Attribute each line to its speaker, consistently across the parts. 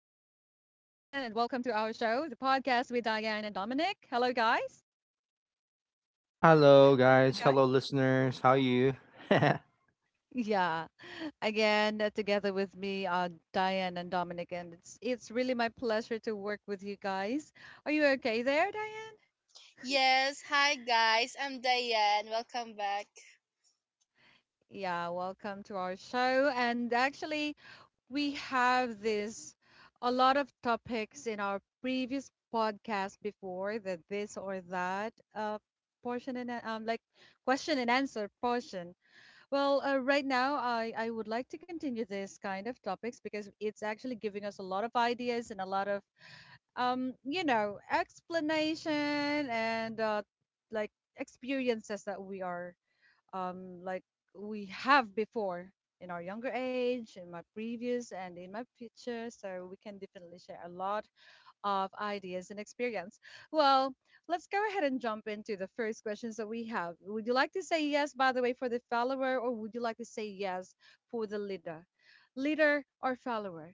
Speaker 1: welcome to our show, the podcast with Diane and Dominic. Hello, guys.
Speaker 2: Hello,
Speaker 1: Hi,
Speaker 2: guys.
Speaker 1: guys.
Speaker 2: Hello, listeners. How you? yeah.
Speaker 1: Yeah, again, together with me, Diane and Dominic, and it's really my pleasure to work with you guys. Are you okay there, Diane?
Speaker 3: Yes, hi guys. I'm Diane. Welcome back.
Speaker 1: Yeah, welcome to our show. And actually, we have this a lot of topics in our previous podcast before the this or that portion and like question and answer portion. Well, right now I would like to continue this kind of topics because it's actually giving us a lot of ideas and a lot of explanation and like experiences that we are um, like we have before in our younger age, in my previous and in my future. So we can definitely share a lot of ideas and experience. Well, let's go ahead and jump into the first questions that we have. Would you like to say yes, by the way, for the follower, or would you like to say yes for the leader? Leader or follower?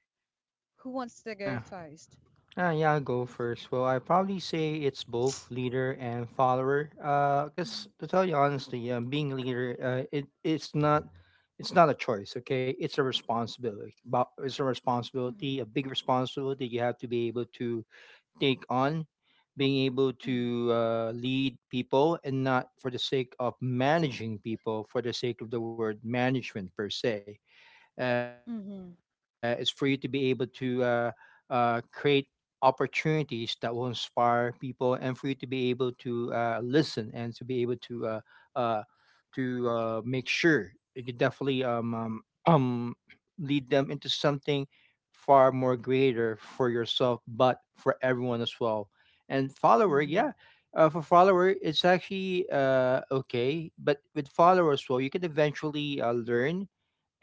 Speaker 1: Who wants to go first?
Speaker 2: Yeah, I'll go first. Well, I probably say it's both leader and follower. Cause
Speaker 1: Mhm,
Speaker 2: to tell you honestly, being a leader, it's not, it's not a choice. Okay, it's a responsibility. But it's a
Speaker 1: mhm,
Speaker 2: responsibility, a big responsibility you have to be able to take on, being able to lead people, and not for the sake of managing people, for the sake of the word management per se is for you to be
Speaker 1: mhm,
Speaker 2: able to create opportunities that will inspire people, and for you to be able to listen and to be able to uh, make sure that you definitely um, lead them into something far more greater for yourself but for everyone as well. And follower, yeah.
Speaker 1: mhm,
Speaker 2: For follower, it's actually okay, but with follower as well, you can eventually learn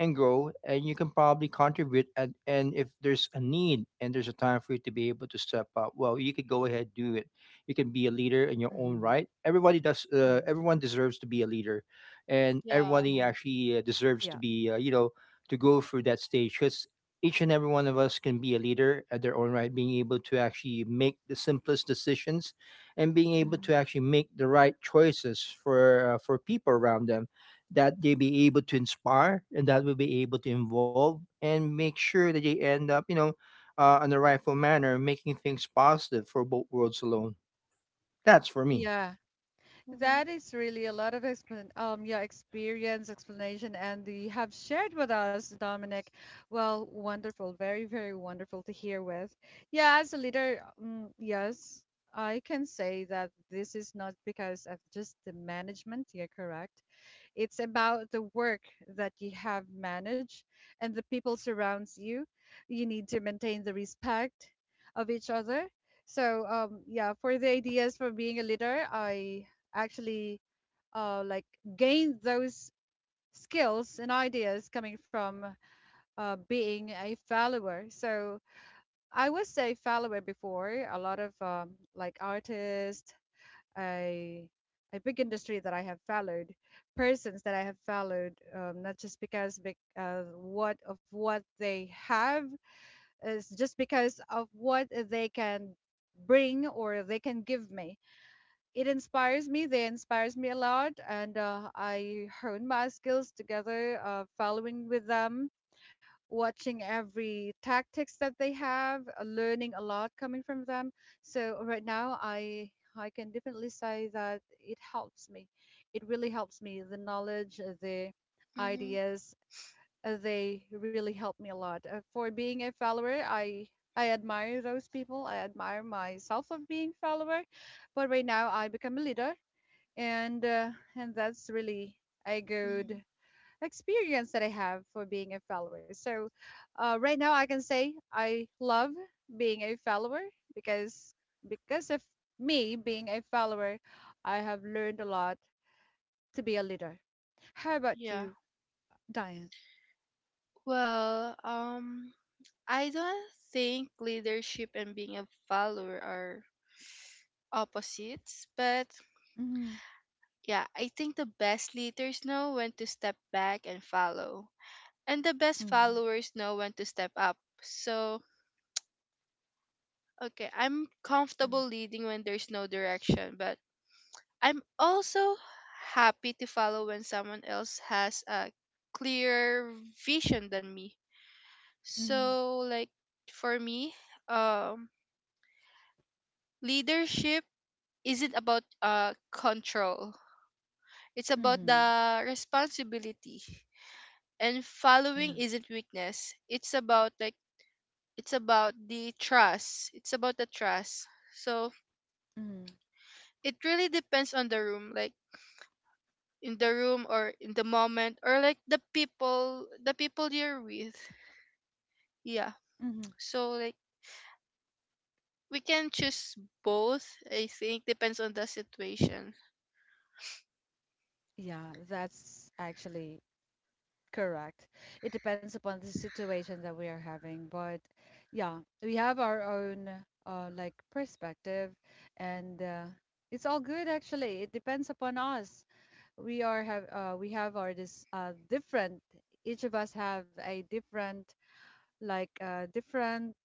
Speaker 2: and grow, and you can probably contribute, and if there's a need and there's a time for you to be able to step up, well, you could go ahead, do it. You can be a leader in your
Speaker 1: mhm,
Speaker 2: own
Speaker 1: mhm,
Speaker 2: right. Everybody does.
Speaker 1: mhm.
Speaker 2: Everyone deserves to be a leader, and
Speaker 3: Yeah.
Speaker 2: everybody
Speaker 1: Mhm.
Speaker 2: actually deserves to
Speaker 1: Yeah.
Speaker 2: be, you know, to go through that stage, because each and every one of us can be a leader at their own right, being able to actually make the simplest decisions and being able
Speaker 1: Mhm.
Speaker 2: to actually make the right choices for people around them, that they be able to inspire and that will be able to involve and make sure that they end up, you know, on the rightful manner, making things positive for both worlds alone. That's for me.
Speaker 1: Yeah.
Speaker 3: Hmm.
Speaker 1: That is really a lot of explan yeah, experience, explanation, and you have shared with us, Dominic. Well, wonderful, very, very wonderful to hear with. Yeah, as a leader, mm, yes, I can say that this is not because of just the management. You're correct. It's about the work that you have managed and the people surrounds you. You need to maintain the respect of each other. So yeah, for the ideas for being a leader, I actually uh, like gained those skills and ideas coming from being a follower. So I was a follower before a lot of artists, a a big industry that I have followed, persons that I have followed, not just because what of what they have is just because of what they can bring or they can give me. It inspires me. They inspires me a lot, and I hone my skills together, following with them watching every tactics that they have, learning a lot coming from them. So right now, I can definitely say that it helps me. It really helps me. The knowledge, the
Speaker 3: Mhm.
Speaker 1: ideas, they really help me a lot. For being a follower, I admire those people. I admire myself of being follower, but right now I become a leader, and uh, and that's really a
Speaker 3: Hmm.
Speaker 1: good experience that I have for being a follower. So, right now I can say I love being a follower because because of me being a follower, I have learned a lot to be a leader. How about
Speaker 3: Yeah.
Speaker 1: you, Diane?
Speaker 3: Well, um, I don't think leadership and being a follower are opposites, but
Speaker 1: Mm-hmm,
Speaker 3: yeah, I think the best leaders know when to step back and follow, and the best followers know when to step up. So, okay, I'm
Speaker 1: mm-hmm,
Speaker 3: comfortable leading when there's no direction, but I'm also happy to follow when someone else has a clear vision than me.
Speaker 1: mm-hmm,
Speaker 3: So like for me, um leadership isn't about control. It's about
Speaker 1: mm-hmm,
Speaker 3: the responsibility. And following
Speaker 1: yeah,
Speaker 3: isn't weakness. It's about like it's about the trust. It's about the trust. So
Speaker 1: mm-hmm,
Speaker 3: it really depends on the room. Like in the room or in the moment or like the people you're with, yeah,
Speaker 1: mm-hmm.
Speaker 3: so like we can choose both, I think depends on the situation.
Speaker 1: Yeah, that's actually correct. It depends upon the situation that we are having, but yeah, we have our own perspective, and it's all good actually. It depends upon us. We have our this different. Each of us have a different different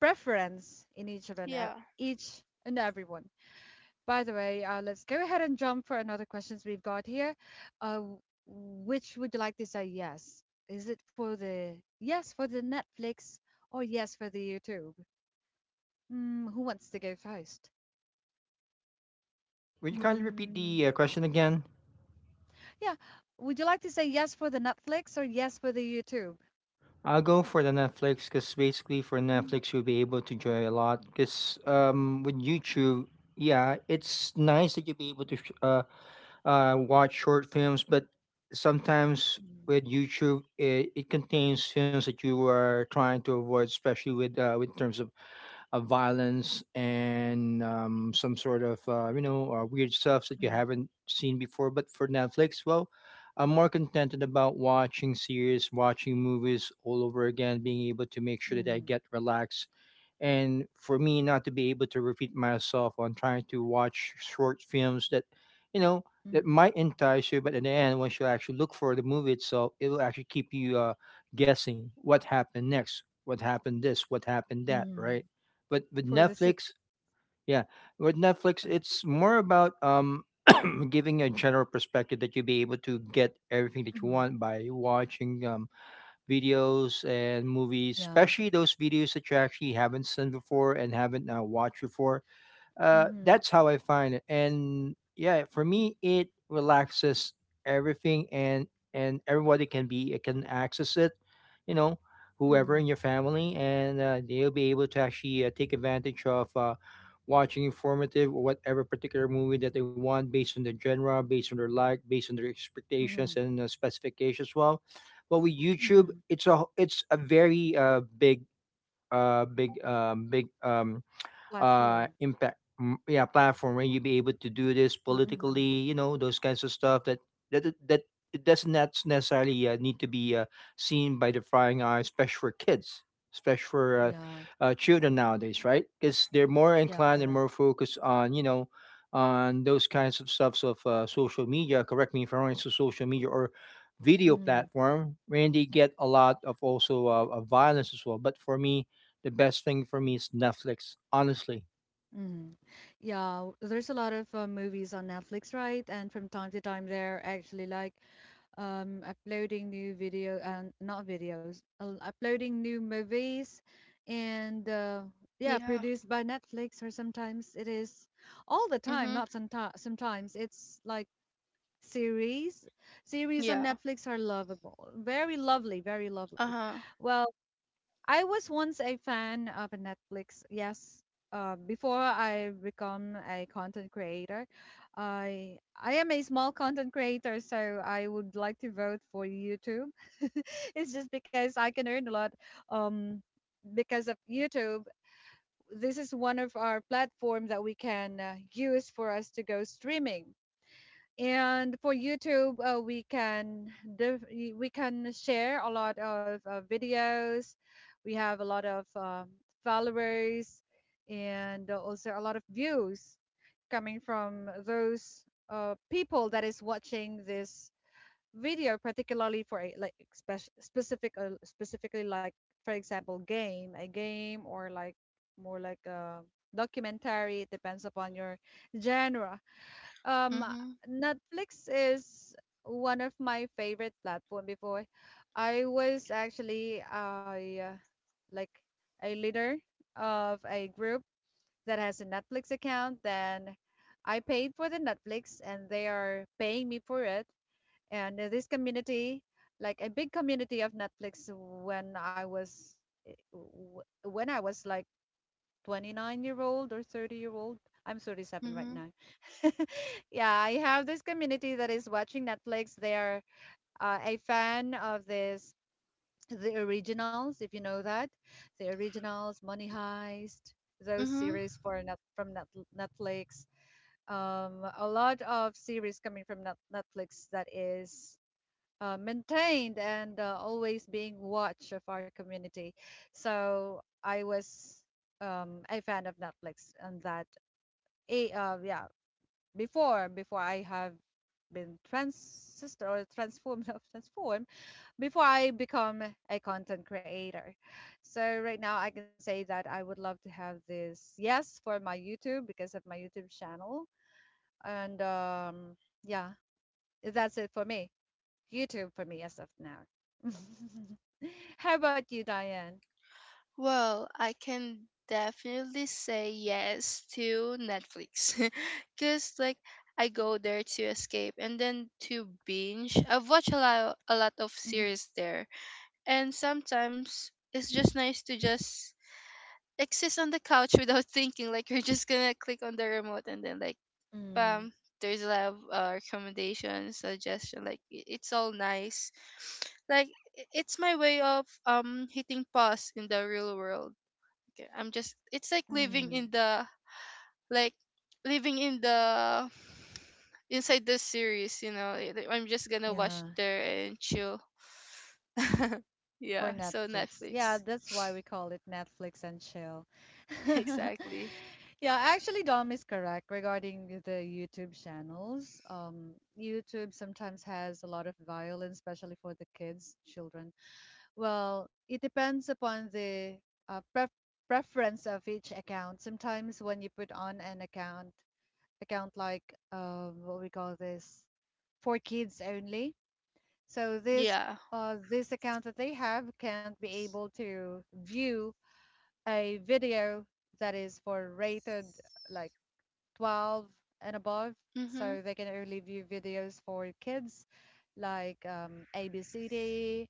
Speaker 1: preference in each of an
Speaker 3: Yeah.
Speaker 1: each and everyone. By the way, let's go ahead and jump for another questions we've got here. Uh, w- which would you like to say yes? Is it for the yes for the Netflix or yes for the YouTube? Mm, who wants to go first?
Speaker 2: Okay, would you kindly repeat
Speaker 1: Mm,
Speaker 2: the question again?
Speaker 1: yeah, would you like to say yes for the Netflix or yes for the YouTube?
Speaker 2: I'll go for the Netflix, because basically for
Speaker 1: Mm,
Speaker 2: Netflix you'll be able to enjoy a lot, because with YouTube, yeah, it's nice that you'll be able to watch short films, but sometimes
Speaker 1: mm,
Speaker 2: with YouTube, it contains films that you are trying to avoid, especially with terms of violence, and some sort of you know weird stuff that you haven't seen before. But for Netflix, well, I'm more contented about watching series, watching movies all over again, being able to make sure that I
Speaker 1: mm,
Speaker 2: get relaxed. And for me, not to be able to repeat myself on trying to watch short films that, you know, that
Speaker 1: mm,
Speaker 2: might entice you, but in the end, once you actually look for the movie itself, it will actually keep you guessing what happened next, what happened this, what happened
Speaker 1: mm,
Speaker 2: that,
Speaker 1: mm.
Speaker 2: right? But with
Speaker 1: For the series.
Speaker 2: Netflix, yeah, with Netflix,
Speaker 1: Uh-huh.
Speaker 2: it's more about giving a general perspective that you'll be able to get everything that you
Speaker 1: Mhm,
Speaker 2: want by watching videos and movies,
Speaker 1: yeah.
Speaker 2: especially those videos that you actually haven't seen before and haven't watched before.
Speaker 1: Mm-hmm.
Speaker 2: That's how I find it. And yeah, for me, it relaxes everything, and everybody can access it. You know,
Speaker 1: Mm-hmm.
Speaker 2: whoever in your family, and they'll be able to actually take advantage of watching informative or whatever particular movie that they want, based on their genre, based on their like, based on their
Speaker 1: Mm-hmm.
Speaker 2: expectations and specifications as well. But with YouTube,
Speaker 1: Mm-hmm.
Speaker 2: it's a very big
Speaker 1: Platform.
Speaker 2: impact, yeah, platform where you be able to do this
Speaker 1: Mm-hmm.
Speaker 2: politically, you know, those kinds of stuff that that it does not necessarily need to be seen by the prying eye, especially for kids, especially for
Speaker 1: Yeah.
Speaker 2: children nowadays, right? Because they're more
Speaker 1: Yeah,
Speaker 2: inclined and
Speaker 1: correct.
Speaker 2: more focused on, you know, on those kinds of stuffs of social media, correct me if I'm wrong, so social media or video
Speaker 1: Hmm.
Speaker 2: platform where they get a lot of also of violence as well. But for me, the best thing for me is Netflix, honestly.
Speaker 1: Hmm. Yeah, there's a lot of movies on Netflix, right? And from time to time, they're actually like uploading new video and not videos, uploading new movies, and yeah,
Speaker 3: Yeah.
Speaker 1: produced by Netflix. Or sometimes it is all the time,
Speaker 3: Mm-hmm.
Speaker 1: not sometimes. Sometimes it's like series. Series on
Speaker 3: Yeah.
Speaker 1: Netflix are lovable, very lovely, very lovely.
Speaker 3: Uh-huh.
Speaker 1: Well, I was once a fan of a Netflix. Yes, before I become a content creator, I am a small content creator, so I would like to vote for YouTube. It's just because I can earn a lot um, because of YouTube. This is one of our platform that we can use for us to go streaming. And for YouTube, we can share a lot of videos. We have a lot of followers and also a lot of views coming from those people that is watching this video, particularly for a specifically like for example game a game or like more like a documentary. It depends upon your genre. um,
Speaker 3: Mm-hmm.
Speaker 1: Netflix is one of my favorite platform before. I was actually like a leader of a group that has a Netflix account. Then I paid for the Netflix, and they are paying me for it. And this community, like a big community of Netflix, when I was when I was like 29-year-old or 30-year-old. I'm 37 right
Speaker 3: Mm-hmm.
Speaker 1: now. Yeah, I have this community that is watching Netflix. They are a fan of this, the originals, if you know that, the originals, Money Heist, those
Speaker 3: Mm-hmm.
Speaker 1: series for net, from net, Netflix. A lot of series coming from Netflix that is maintained and always being watch of our community. So I was a fan of Netflix and that a yeah, before I have been transistor or transformed of transform before I become a content creator. So right now I can say that I would love to have this yes for my YouTube because of my YouTube channel and yeah, that's it for me. YouTube for me as of now. How about you, Diane?
Speaker 3: Well, I can definitely say yes to Netflix because like I go there to escape and then to binge. I've watched a lot of
Speaker 1: Hmm.
Speaker 3: series there. And sometimes it's just nice to just exist on the couch without thinking. Like you're just gonna click on the remote and then like
Speaker 1: Mm,
Speaker 3: bam, there's a lot of recommendations, suggestion. Like it's all nice. Like it's my way of hitting pause in the real world. Okay, I'm just it's like
Speaker 1: mm,
Speaker 3: like living in the inside the series. You know, I'm just gonna watch
Speaker 1: yeah,
Speaker 3: there and chill.
Speaker 1: for
Speaker 3: Yeah, so
Speaker 1: Netflix. Yeah,
Speaker 3: Netflix.
Speaker 1: that's why we call it Netflix and chill.
Speaker 3: Exactly.
Speaker 1: Yeah, actually, Dom is correct regarding the YouTube channels. YouTube sometimes has a lot of violence, especially for the kids, children. Well, it depends upon the uh, pref preference of each account. Sometimes when you put on an account, account like what we call this for kids only. So
Speaker 3: Yeah.
Speaker 1: this account that they have can't be able to view a video that is for rated like 12 and above.
Speaker 3: Mhm.
Speaker 1: So they can only view videos for kids like ABCD,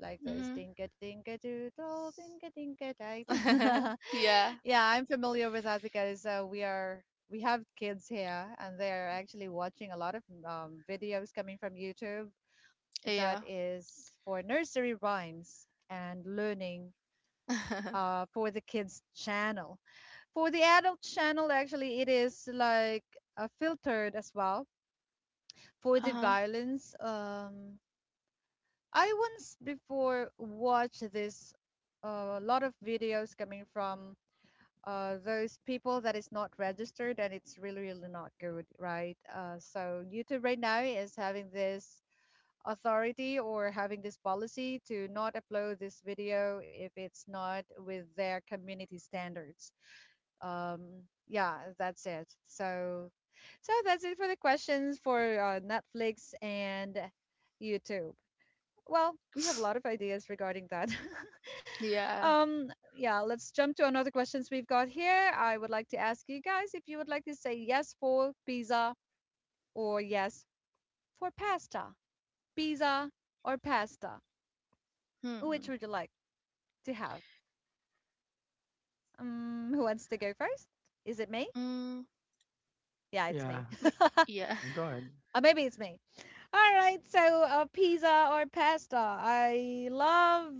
Speaker 1: like those
Speaker 3: Mhm.
Speaker 1: dinka dinka doodle, dinka dinka date.
Speaker 3: Yeah.
Speaker 1: Yeah, I'm familiar with that because we have kids here and they're actually watching a lot of videos coming from YouTube that
Speaker 3: Yeah.
Speaker 1: is for nursery rhymes and learning for the kids channel. For the adult channel, actually, it is like filtered as well. For the
Speaker 3: Uh-huh.
Speaker 1: violence, I once before watched this a lot of videos coming from those people that is not registered, and it's really, really not good, right? So YouTube right now is having this authority or having this policy to not upload this video if it's not with their community standards. um yeah, that's it. So that's it for the questions for Netflix and YouTube. Well, we have a lot of ideas regarding that.
Speaker 3: Yeah.
Speaker 1: Um, yeah, let's jump to another questions we've got here. I would like to ask you guys if you would like to say yes for pizza or yes for pasta. Pizza or pasta? Which
Speaker 3: Hmm.
Speaker 1: would you like to have? Um, who wants to go first? Is it me?
Speaker 3: Mm.
Speaker 1: Yeah, it's me.
Speaker 2: Yeah,
Speaker 3: m-
Speaker 1: uh,
Speaker 3: Yeah.
Speaker 2: yeah, go ahead.
Speaker 1: maybe it's me. All right, so pizza or pasta? I love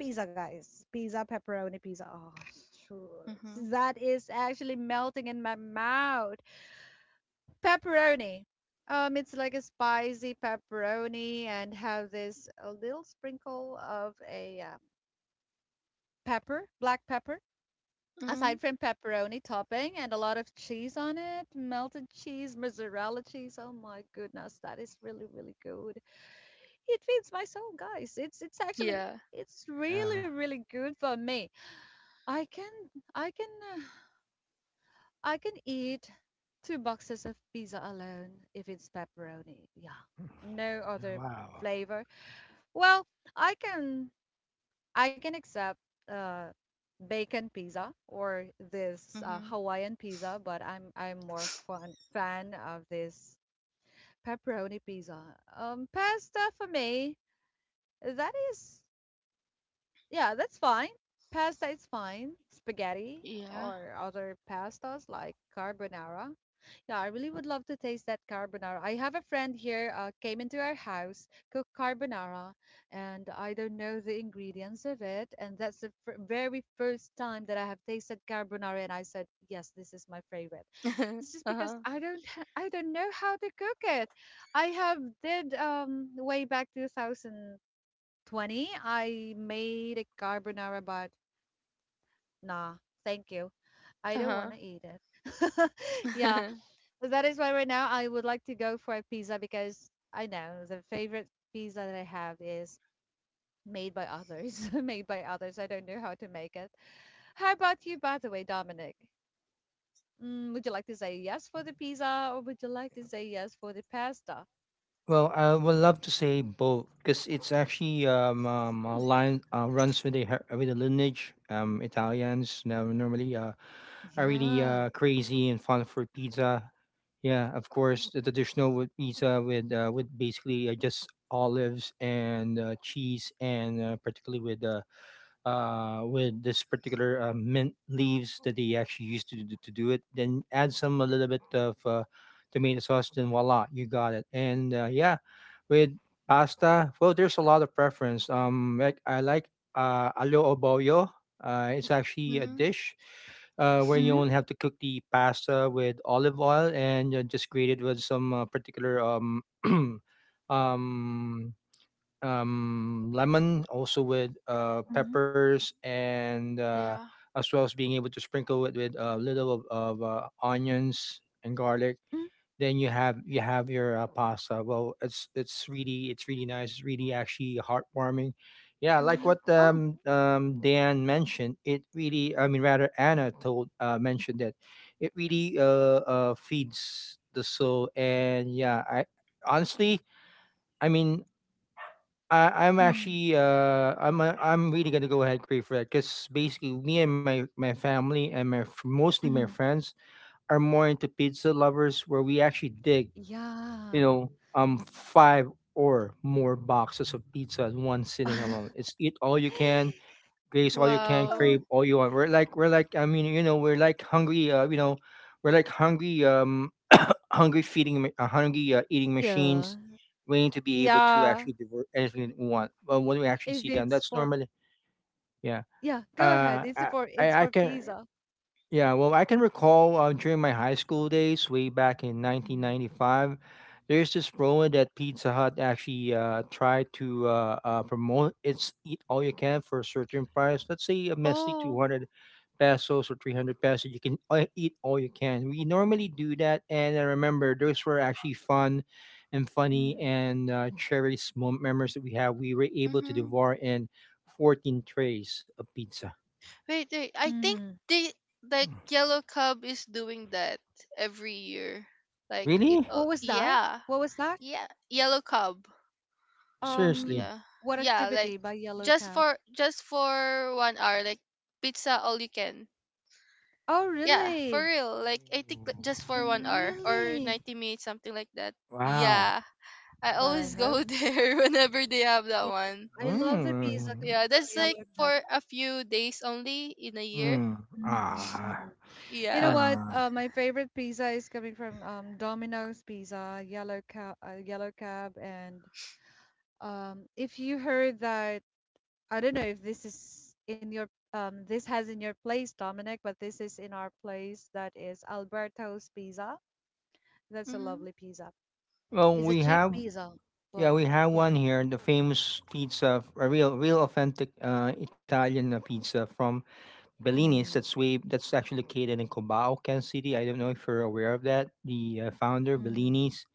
Speaker 1: pizza, guys. Pizza, pepperoni pizza. Oh,
Speaker 3: Mhm.
Speaker 1: shoot. That is actually melting in my mouth. Pepperoni. It's like a spicy pepperoni and have this a little sprinkle of a pepper, black pepper.
Speaker 3: Mm.
Speaker 1: Aside from pepperoni topping and a lot of cheese on it, melted cheese, mozzarella cheese. Oh my goodness, that is really, really good. It feeds my soul, guys. It's actually
Speaker 3: Yeah.
Speaker 1: it's
Speaker 2: Yeah,
Speaker 1: really really good for me. I can I can uh, I can eat two boxes of pizza alone if it's pepperoni. Yeah. No
Speaker 2: yeah,
Speaker 1: other
Speaker 2: wow.
Speaker 1: flavor. Well, I can I can accept uh bacon pizza or this
Speaker 3: Mhm.
Speaker 1: Hawaiian pizza, but I'm more fan of this pepperoni pizza. Pasta for me, that is yeah, that's fine. Pasta is fine. Spaghetti
Speaker 3: Yeah.
Speaker 1: or other pastas like carbonara. Yeah, I really would love to taste that carbonara. I have a friend here came into our house, cooked carbonara, and I don't know the ingredients of it. And that's the very first time that I have tasted carbonara, and I said, yes, this is my favorite. It's just because
Speaker 3: Uh-huh.
Speaker 1: I don't know how to cook it. I have did way back 2000. 20, I made a carbonara, but nah, thank you. I don't
Speaker 3: Uh-huh.
Speaker 1: want to eat it. Yeah, so that is why right now I would like to go for a pizza because I know the favorite pizza that I have is made by others. Made by others. I don't know how to make it. How about you, by the way, Dominic? Mm, would you like to say yes for the pizza or would you like to say yes for the pasta?
Speaker 2: Well, I would love to say both, because it's actually a
Speaker 1: Hmm.
Speaker 2: line runs with the with the lineage. Italians now normally are really
Speaker 1: Yeah.
Speaker 2: crazy and fun for pizza. Yeah, of course, the traditional with pizza, with basically just olives and cheese, and particularly with this particular mint leaves that they actually used to do it. Then add some a little bit of tomato sauce. Then voila, you got it. And yeah, with pasta, well, there's a lot of preference. Like I like alio oboyo. It's actually a
Speaker 3: Mhm.
Speaker 2: dish where you
Speaker 1: Mm-hmm.
Speaker 2: only have to cook the pasta with olive oil, and just grate it with some particular um, lemon, also with
Speaker 1: Mm-hmm.
Speaker 2: peppers, and
Speaker 3: Yeah.
Speaker 2: as well as being able to sprinkle it with a little of onions and garlic. Then you have your pasta. Well, it's really nice. It's really actually heartwarming. Yeah, like
Speaker 3: Mhm.
Speaker 2: what
Speaker 1: Oh.
Speaker 2: Dan mentioned, it really, I mean rather Anna told mentioned that it really feeds the soul. And yeah, I honestly, I mean, I'm
Speaker 1: Mm-hmm.
Speaker 2: actually I'm really gonna go ahead and crave for that, because basically me and my family and mostly my friends are more into pizza lovers, where we actually dig, you
Speaker 1: Yeah.
Speaker 2: know, um, five or more boxes of pizza in one sitting alone. It's eat all you can, Grace all you can,
Speaker 1: Oh,
Speaker 2: crave
Speaker 3: Wow.
Speaker 2: all you want. We're like, I mean, you know, we're like hungry. You know, we're like hungry. Hungry feeding, hungry eating
Speaker 1: yeah.
Speaker 2: machines, waiting to be able to
Speaker 1: Yeah.
Speaker 2: actually divert anything that we want. But when we actually
Speaker 1: If
Speaker 2: see them,
Speaker 1: it's
Speaker 2: that's
Speaker 1: for,
Speaker 2: normally yeah.
Speaker 1: yeah, go ahead.
Speaker 2: Uh,
Speaker 1: It's
Speaker 2: I
Speaker 1: for, it's
Speaker 2: I
Speaker 1: for
Speaker 2: can.
Speaker 1: pizza.
Speaker 2: Yeah, well, I can recall during my high school days, way back in
Speaker 1: Mhm.
Speaker 2: 1995, there's this promo that Pizza Hut actually tried to promote. It's eat all you can for a certain price. Let's say a messy
Speaker 3: Oh.
Speaker 2: 200 pesos or 300 pesos. You can eat all you can. We normally do that. And I remember those were actually fun and funny
Speaker 1: Mhm.
Speaker 2: and cherished memories that we have. We were able to
Speaker 3: Mhm.
Speaker 2: devour in 14 trays of pizza.
Speaker 3: Wait, wait. I think
Speaker 1: Mhm.
Speaker 3: the like yellow cub is doing that every year. Like it
Speaker 2: Really?
Speaker 3: all.
Speaker 1: What was that?
Speaker 3: Yeah.
Speaker 1: What was that?
Speaker 3: Yeah. Yellow cub.
Speaker 1: Um,
Speaker 2: Seriously.
Speaker 3: Yeah.
Speaker 1: what
Speaker 3: Yeah, like
Speaker 1: activity by Yellow Cab?
Speaker 3: just for 1 hour, like pizza all you can.
Speaker 1: Oh,
Speaker 3: Yeah, for
Speaker 1: really?
Speaker 3: real. Like I think just for 1 hour or
Speaker 1: Really?
Speaker 3: 90 minutes, something like that.
Speaker 2: Wow.
Speaker 3: Yeah. I
Speaker 1: But I
Speaker 3: always
Speaker 1: hope,
Speaker 3: go there whenever they have that
Speaker 1: yeah.
Speaker 3: one.
Speaker 1: I love the pizza
Speaker 2: Mm.
Speaker 1: coming
Speaker 3: Yeah, that's
Speaker 1: from
Speaker 3: like
Speaker 1: Yellow Cab.
Speaker 3: for a few days only in a year.
Speaker 2: Mm.
Speaker 1: Mhm,
Speaker 2: Ah.
Speaker 1: mhm. You know
Speaker 3: Yeah.
Speaker 1: what?
Speaker 2: Ah.
Speaker 1: My favorite pizza is coming from Domino's Pizza, Yellow Cab, and if you heard that, I don't know if this is in your this has in your place, Dominic, but this is in our place. That is Alberto's Pizza. That's a
Speaker 3: Mm-hmm.
Speaker 1: lovely pizza.
Speaker 2: Well,
Speaker 1: It's a
Speaker 2: we
Speaker 1: cheap
Speaker 2: have,
Speaker 1: pizza,
Speaker 2: yeah,
Speaker 1: but
Speaker 2: we have
Speaker 1: yeah.
Speaker 2: one here, the famous pizza, a real authentic Italian pizza from Bellini's,
Speaker 1: Mm,
Speaker 2: that's way that's actually located in Cubao, Kansas City. I don't know if you're aware of that. The founder
Speaker 1: mm,
Speaker 2: Bellini's,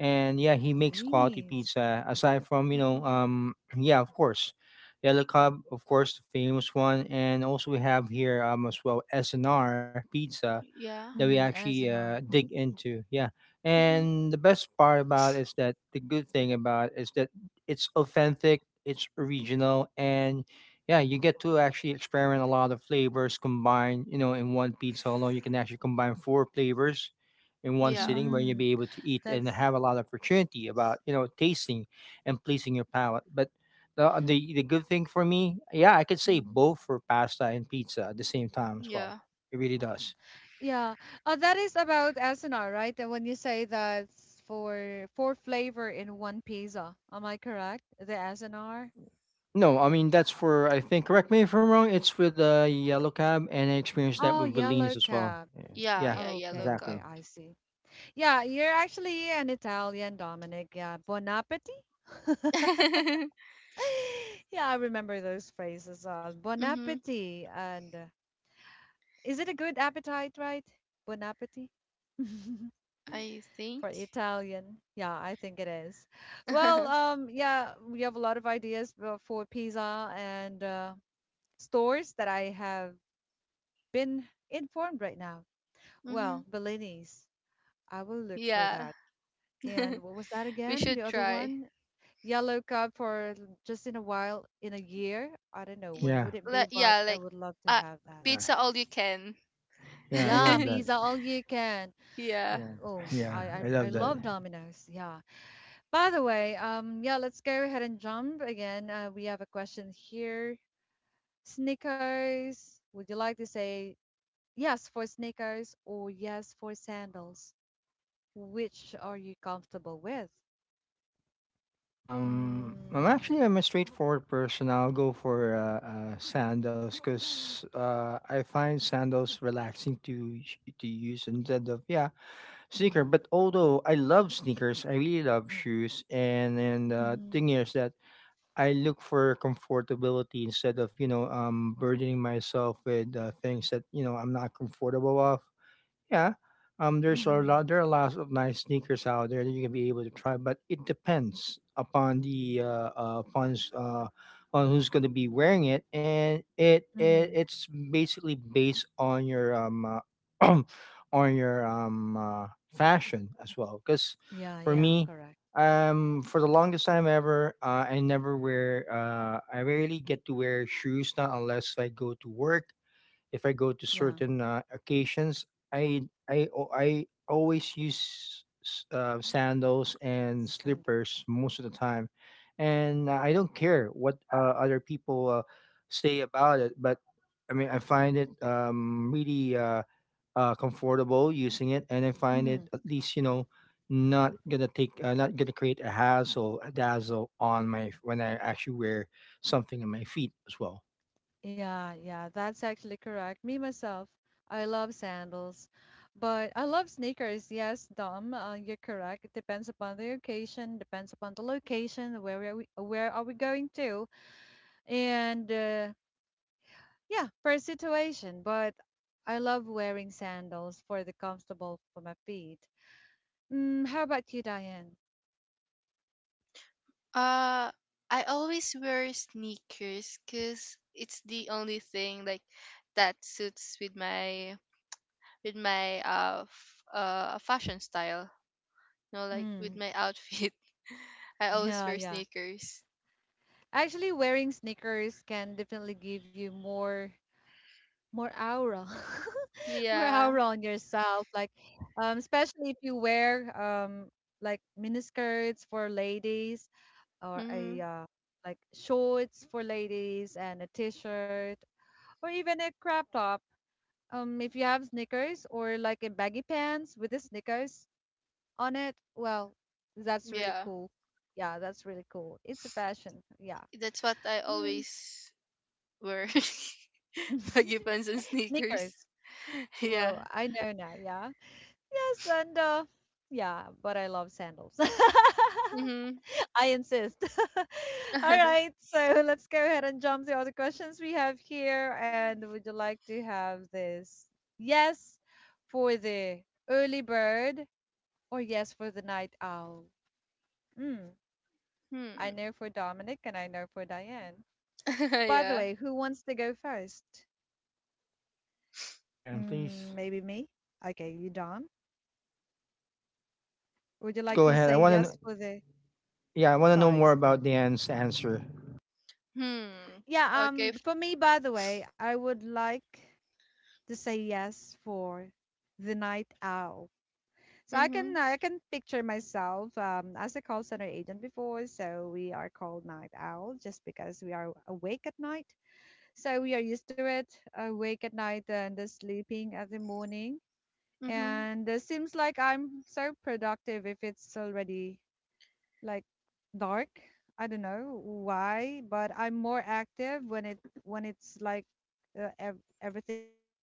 Speaker 2: and yeah, he makes quality
Speaker 1: convenience.
Speaker 2: pizza. Aside from, you know,
Speaker 3: Mm-hmm.
Speaker 2: yeah, of course, Yellow Cub, of course, the famous one, and also we have here as well SNR Pizza that
Speaker 3: Yeah.
Speaker 2: we
Speaker 1: Mm,
Speaker 2: actually
Speaker 1: SNR.
Speaker 2: dig into. Yeah.
Speaker 3: Mm-hmm.
Speaker 2: And the good thing about is that it's authentic, it's original, and yeah, you get to actually experiment a lot of flavors combined, you know, in one pizza alone. You can actually combine four flavors in one
Speaker 3: Yeah.
Speaker 2: sitting, where you'll
Speaker 1: Mm,
Speaker 2: be able to eat and
Speaker 1: that's
Speaker 2: have a lot of opportunity about, you know, tasting and pleasing your palate. But the good thing for me, yeah, I could say
Speaker 1: mhm.
Speaker 2: both for pasta and pizza at the same time as well.
Speaker 3: Yeah.
Speaker 2: It really does.
Speaker 1: yeah. That is about SNR, right? And when you say that's for four flavor in one pizza, am I correct? The SNR.
Speaker 2: No, I mean, that's for, I think, correct me if I'm wrong, it's with the yellow cab, and I experienced that
Speaker 1: Oh,
Speaker 2: with Belinis
Speaker 1: yellow
Speaker 2: as well.
Speaker 1: cab.
Speaker 2: Yeah,
Speaker 3: Yeah,
Speaker 2: yeah,
Speaker 3: yeah, yellow
Speaker 1: Okay,
Speaker 2: exactly.
Speaker 1: okay,
Speaker 3: cub.
Speaker 1: I see. Yeah, you're actually an Italian, Dominic. Yeah, buon appetit.
Speaker 3: Mm-hmm.
Speaker 1: Yeah, I remember those phrases. Bon appetit, and is it a good appetite, right? Bon appetit
Speaker 3: I think.
Speaker 1: for Italian. Yeah, I think it is. Well, yeah, we have a lot of ideas for pizza and stores that I have been informed right now.
Speaker 3: Mm-hmm.
Speaker 1: Well, Bellini's, I will look for
Speaker 3: Yeah.
Speaker 1: that. And what was that
Speaker 3: We
Speaker 1: again? The
Speaker 3: should
Speaker 1: other
Speaker 3: try.
Speaker 1: one? Yellow card for just in a while, in a year. I don't know
Speaker 3: Y-
Speaker 1: when
Speaker 2: Yeah,
Speaker 1: would it be,
Speaker 3: Like
Speaker 1: but
Speaker 3: yeah,
Speaker 1: I
Speaker 3: like
Speaker 1: would love to
Speaker 3: uh
Speaker 1: have that.
Speaker 2: uh,
Speaker 3: pizza all you can.
Speaker 2: yeah, I
Speaker 1: Yeah,
Speaker 2: love that.
Speaker 1: pizza all you can.
Speaker 3: Yeah.
Speaker 2: Yeah,
Speaker 1: Oh,
Speaker 2: yeah,
Speaker 1: I I,
Speaker 2: I
Speaker 1: I
Speaker 2: love that.
Speaker 1: love Domino's. Yeah. By the way, yeah, let's go ahead and jump again. We have a question here. Sneakers. Would you like to say yes for sneakers or yes for sandals? Which are you comfortable with?
Speaker 2: I'm
Speaker 1: Mm,
Speaker 2: actually I'm a straightforward person. I'll go for sandals, because I find sandals relaxing to to use instead of, yeah, sneaker.
Speaker 1: mhm,
Speaker 2: But although I love sneakers, I really love shoes. And
Speaker 1: mhm.
Speaker 2: thing is that I look for comfortability instead of, you know, burdening myself with things that, you know, I'm not comfortable of. Yeah, there's a
Speaker 1: Mhm.
Speaker 2: lot. There are lots of nice sneakers out there that you can be able to try, but it depends upon the on who's going to be wearing it, and it, it
Speaker 1: Mhm.
Speaker 2: it's basically based on your uh, on your fashion as well. Because
Speaker 1: Yeah,
Speaker 2: for
Speaker 1: yeah,
Speaker 2: me,
Speaker 1: correct.
Speaker 2: for the longest time ever, I never wear. I rarely get to wear shoes now unless I go to work, if I go to
Speaker 1: Yeah.
Speaker 2: certain occasions, I I always use sandals and slippers
Speaker 1: Sandals.
Speaker 2: most of the time, and I don't care what other people say about it. But I mean, I find it really comfortable using it, and I find
Speaker 1: Mm-hmm.
Speaker 2: it at least not gonna take not gonna create a hassle a dazzle on my when I actually wear something on my feet as well.
Speaker 1: Yeah, yeah, that's actually correct. Me myself, I love sandals, but I love sneakers. Yes, Dom, you're correct. It depends upon the occasion, depends upon the location, where are we going to, and yeah, per situation. But I love wearing sandals for the comfortable for my feet. Mm, how about you, Diane?
Speaker 3: Uh, I always wear sneakers cuz it's the only thing like that suits with my fashion style. You know, like with
Speaker 1: Mm,
Speaker 3: my outfit. I always
Speaker 1: yeah,
Speaker 3: wear
Speaker 1: yeah.
Speaker 3: sneakers.
Speaker 1: Actually, wearing sneakers can definitely give you more aura, more
Speaker 3: Yeah.
Speaker 1: aura on yourself. Like, especially if you wear like miniskirts for ladies, or a
Speaker 3: Mm,
Speaker 1: like shorts for ladies, and a t-shirt, or even a crop top. If you have sneakers or like a baggy pants with the sneakers on it, well, that's really
Speaker 3: yeah.
Speaker 1: cool. Yeah, that's really cool. It's a fashion. Yeah.
Speaker 3: That's what I
Speaker 1: Mm.
Speaker 3: always wear. Baggy pants and sneakers.
Speaker 1: Sneakers.
Speaker 3: Yeah.
Speaker 1: Well, I know now, yeah. Yes, and yeah, but I love sandals.
Speaker 3: Mm-hmm.
Speaker 1: I insist. All right, so let's go ahead and jump to other questions we have here. And would you like to have this yes for the early bird or yes for the night owl? Mm, I
Speaker 3: Hmm.
Speaker 1: know for Dominic and I know for Diane. By the
Speaker 3: Yeah.
Speaker 1: way, who wants to go first?
Speaker 2: Dan,
Speaker 1: Mm,
Speaker 2: please.
Speaker 1: maybe me? Okay, you, Dom. Would you
Speaker 2: Let's
Speaker 1: like
Speaker 2: go
Speaker 1: to
Speaker 2: ahead. I
Speaker 1: say
Speaker 2: want to.
Speaker 1: yes for the
Speaker 2: Yeah, I want to know
Speaker 1: Sorry,
Speaker 2: more about
Speaker 1: sorry.
Speaker 2: Dan's answer.
Speaker 3: Hmm.
Speaker 1: Yeah,
Speaker 3: Okay.
Speaker 1: for me, by the way, I would like to say yes for the night owl. So I can
Speaker 3: Mhm.
Speaker 1: I can picture myself as a call center agent before, so we are called night owl just because we are awake at night. So we are used to it, awake at night and sleeping at the morning.
Speaker 3: Mhm.
Speaker 1: And it seems like I'm so productive if it's already like dark. I don't know why, but I'm more active when it's like everything is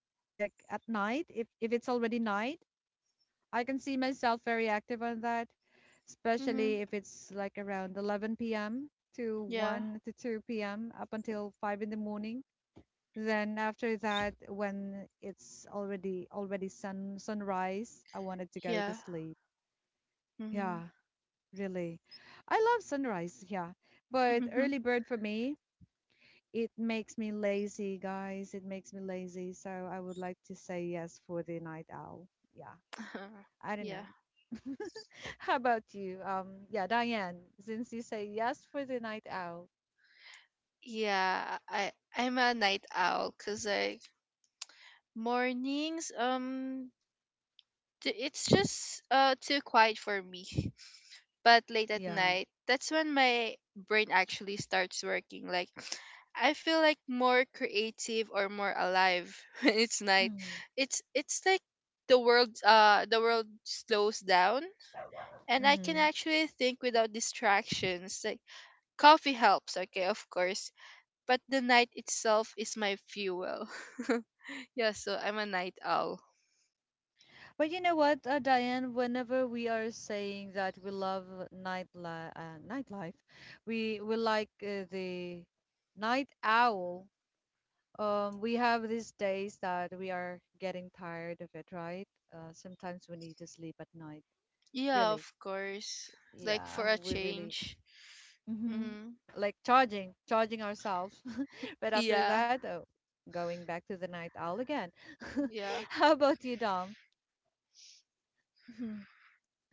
Speaker 1: like at night. If it's already night, I can see myself very active on that,
Speaker 3: Mhm.
Speaker 1: especially if it's like around 11 p.m. to
Speaker 3: Yeah.
Speaker 1: 1 to 2 p.m. up until 5 in the morning. Then after that, when it's already sunrise, I wanted to go to
Speaker 3: Yeah.
Speaker 1: sleep.
Speaker 3: Mhm.
Speaker 1: Yeah, really. I love sunrise, yeah. But
Speaker 3: Mhm.
Speaker 1: early bird for me, it makes me lazy, guys. It makes me lazy. So I would like to say yes for the night owl. Yeah. I don't
Speaker 3: Yeah.
Speaker 1: know. How about you? Yeah, Diane, since you say yes for the night owl.
Speaker 3: Yeah. I'm a night owl cuz like mornings it's just too quiet for me. But late at
Speaker 1: Yeah.
Speaker 3: night, that's when my brain actually starts working. Like I feel like more creative or more alive when it's night.
Speaker 1: Mm-hmm.
Speaker 3: It's like the world slows down and I can
Speaker 1: Mm-hmm.
Speaker 3: actually think without distractions. Like coffee helps, okay, of course, but the night itself is my fuel. Yeah, so I'm a night owl.
Speaker 1: But you know what, Diane, whenever we are saying that we love nightlife, we like the night owl. We have these days that we are getting tired of it, right? Sometimes we need to sleep at night.
Speaker 3: Yeah,
Speaker 1: Really.
Speaker 3: of course. Like
Speaker 1: Yeah,
Speaker 3: for a
Speaker 1: we really.
Speaker 3: change.
Speaker 1: Hmm.
Speaker 3: Mhm.
Speaker 1: Like charging, charging ourselves. But after
Speaker 3: Yeah.
Speaker 1: that, oh, going back to the night owl again.
Speaker 3: Yeah.
Speaker 1: How about you, Dom? Mhm.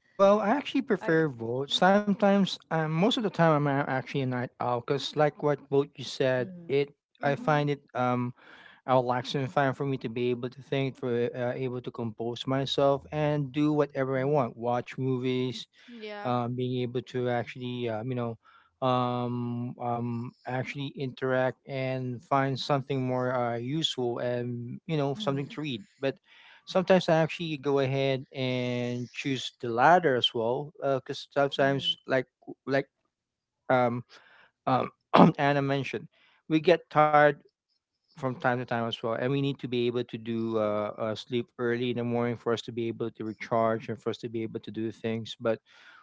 Speaker 2: Yeah, well, I actually
Speaker 1: I.
Speaker 2: prefer vote. Sometimes, most of the time, actually a night owl because, like what both you said,
Speaker 1: Mhm,
Speaker 2: it I
Speaker 3: Mhm.
Speaker 2: find it relaxing and fine for me to be able to think, for able to compose myself and do whatever I want, watch movies,
Speaker 3: Yeah.
Speaker 2: being able to actually actually interact and find something more useful and you know something
Speaker 1: mhm,
Speaker 2: to read. But sometimes I actually go ahead and choose the latter as well because
Speaker 1: mhm,
Speaker 2: sometimes like um, um, Anna mentioned, we get tired from time to time as well and we need to be able to do sleep early in the morning for us to be able to recharge and for us to be able to do things. But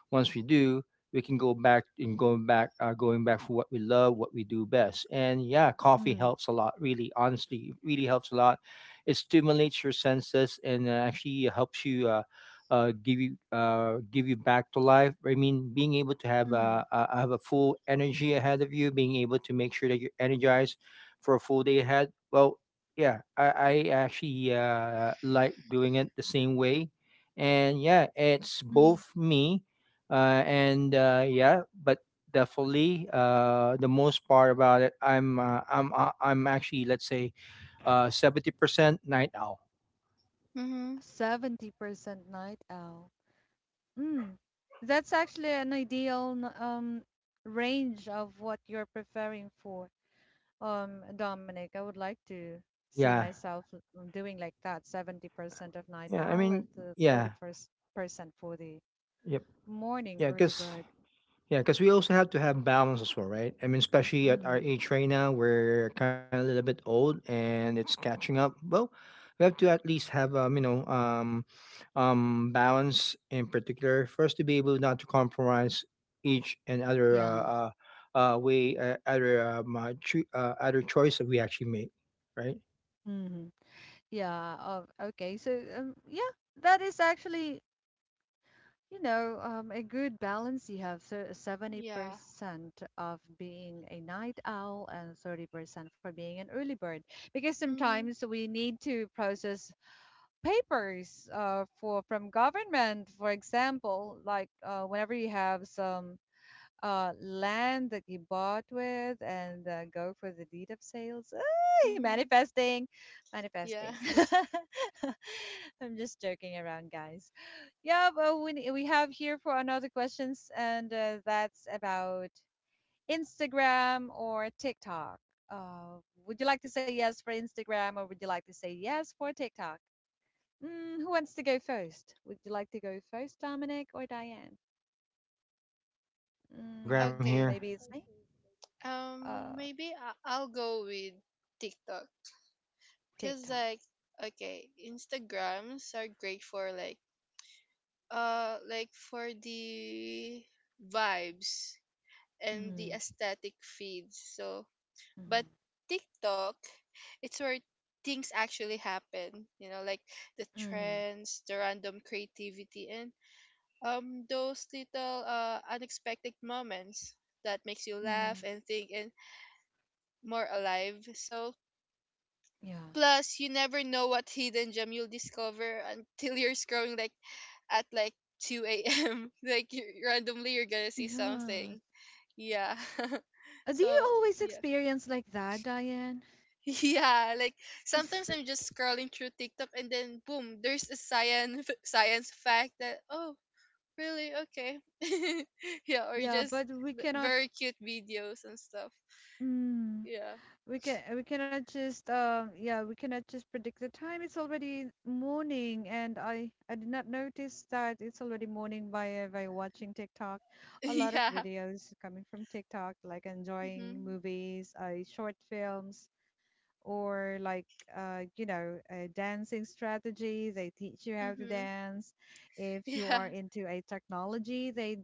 Speaker 2: once we do, we can go back and going back for what we love, what we do best. And yeah, coffee
Speaker 1: mhm,
Speaker 2: helps a lot, really. Honestly, it really helps a lot. It stimulates your senses and actually helps you give you back to life. I mean, being able to
Speaker 1: mhm, mhm,
Speaker 2: have a full energy ahead of you, being able to make sure that you're energized for a full day ahead. Well, yeah, I actually like doing it the same way. And yeah, it's
Speaker 1: mhm.
Speaker 2: both me and yeah, but definitely the most part about it, I'm actually, let's say, 70% night owl.
Speaker 3: Mhm.
Speaker 1: 70% night owl. Mm. That's actually an ideal range of what you're preferring for. Dominic, I would like to see
Speaker 2: Yeah.
Speaker 1: myself doing like that, 70% of night
Speaker 2: Yeah. I
Speaker 1: owl and
Speaker 2: mean,
Speaker 1: the
Speaker 2: yeah.
Speaker 1: 31st percent for the
Speaker 2: Yep.
Speaker 1: morning
Speaker 2: Yeah.
Speaker 1: early
Speaker 2: Cause,
Speaker 1: bird.
Speaker 2: yeah. Cause we also have to have balance as well, right? I mean, especially at our
Speaker 1: Mm.
Speaker 2: age right now, we're kind of a little bit old and it's catching up. Well, we have to at least have, balance in particular for us to be able not to compromise each and other,
Speaker 1: Yeah.
Speaker 2: way, other choice that we actually make, right?
Speaker 1: Hmm. Yeah. Okay. So yeah, that is actually a good balance you have so
Speaker 3: Yeah.
Speaker 1: 70% of being a night owl and 30% for being an early bird because
Speaker 3: Mhm.
Speaker 1: sometimes we need to process papers for from government, for example, like whenever you have some land that you bought with and go for the deed of sales. Ay,
Speaker 3: Mhm.
Speaker 1: manifesting,
Speaker 3: Yeah.
Speaker 1: manifesting. I'm just joking around, guys. Yeah, but we have here for another questions, and that's about Instagram or TikTok. Uh, would you like to say yes for Instagram or would you like to say yes for TikTok? Mm, who wants to go first? Would you like to go first, Dominic or Diane?
Speaker 2: Instagram here.
Speaker 1: Mm,
Speaker 3: Okay.
Speaker 1: maybe it's me. Uh,
Speaker 3: Maybe I'll go with TikTok cuz
Speaker 1: TikTok.
Speaker 3: like okay, Instagrams are great for like for the vibes and the
Speaker 1: Mhm.
Speaker 3: aesthetic feeds. So, but
Speaker 1: Mhm.
Speaker 3: TikTok it's where things actually happen, you know, like the
Speaker 1: Mhm.
Speaker 3: trends, the random creativity and those little unexpected moments that makes you laugh
Speaker 1: Mhm.
Speaker 3: and think and more alive. So
Speaker 1: Yeah.
Speaker 3: plus you never know what hidden gem you'll discover until you're scrolling like at like 2 a.m. Like you, randomly you're gonna see
Speaker 1: Yeah.
Speaker 3: something. Yeah.
Speaker 1: Do you
Speaker 3: So
Speaker 1: always
Speaker 3: yeah.
Speaker 1: experience like that, Diane?
Speaker 3: Yeah, like sometimes I'm just scrolling through TikTok and then boom, there's a science science fact that oh, really? Okay. Yeah, or
Speaker 1: Yeah,
Speaker 3: just
Speaker 1: but we cannot.
Speaker 3: very cute videos and stuff.
Speaker 1: Mm,
Speaker 3: Yeah.
Speaker 1: we cannot just yeah we cannot just predict the time. It's already morning, and I did not notice that it's already morning by watching TikTok. A lot of
Speaker 3: Yeah.
Speaker 1: videos coming from TikTok, like enjoying
Speaker 3: Mhm.
Speaker 1: movies, short films or like dancing strategy they teach you how to
Speaker 3: Mhm.
Speaker 1: dance if you
Speaker 3: Yeah.
Speaker 1: are into a technology they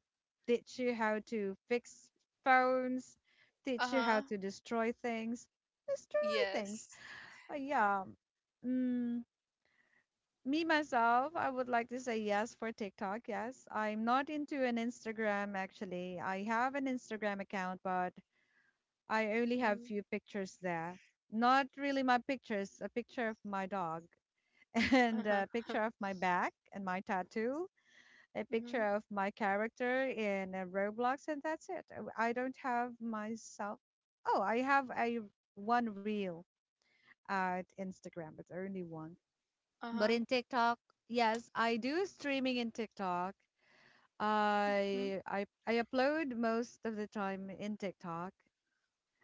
Speaker 1: teach you how to fix phones teach you how
Speaker 3: Uh-huh.
Speaker 1: to destroy things
Speaker 3: Yes.
Speaker 1: yeah mm, me myself I would like to say yes for TikTok. Yes, I'm not into an Instagram. Actually, I have an Instagram account, but I only have
Speaker 3: Mhm.
Speaker 1: few pictures there. Not really my pictures, a picture of my dog and
Speaker 3: Uh-huh.
Speaker 1: a picture of my back and my tattoo, a picture
Speaker 3: Mhm.
Speaker 1: of my character in a Roblox, and that's it. I don't have myself. Oh, I have a one reel at Instagram, but only one. But
Speaker 3: Uh-huh.
Speaker 1: in TikTok, yes, I do streaming in TikTok.
Speaker 3: Mhm.
Speaker 1: I upload most of the time in TikTok.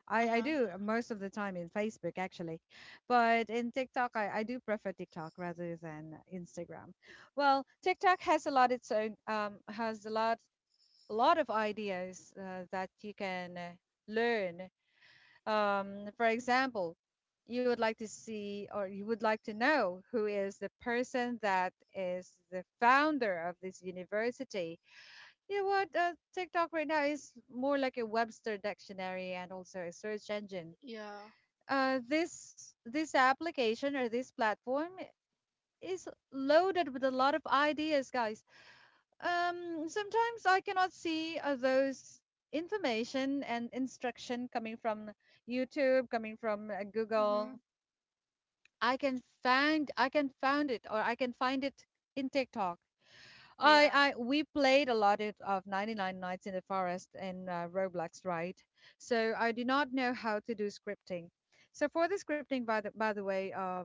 Speaker 1: I
Speaker 3: Uh-huh.
Speaker 1: do most of the time in Facebook actually, but in TikTok I do prefer TikTok rather than Instagram. Well, TikTok has a lot its own has a lot of ideas that you can learn. For example, you would like to see or you would like to know who is the person that is the founder of this university. You know what? TikTok right now is more like a Webster dictionary and also a search engine
Speaker 3: Yeah.
Speaker 1: this application or this platform is loaded with a lot of ideas guys sometimes I cannot see those information and instruction coming from YouTube coming from Google.
Speaker 3: Mhm.
Speaker 1: I can find it in TikTok. i
Speaker 3: Yeah.
Speaker 1: i we played a lot of 99 nights in the forest in Roblox, right? So I do not know how to do scripting. So for the scripting, by the way,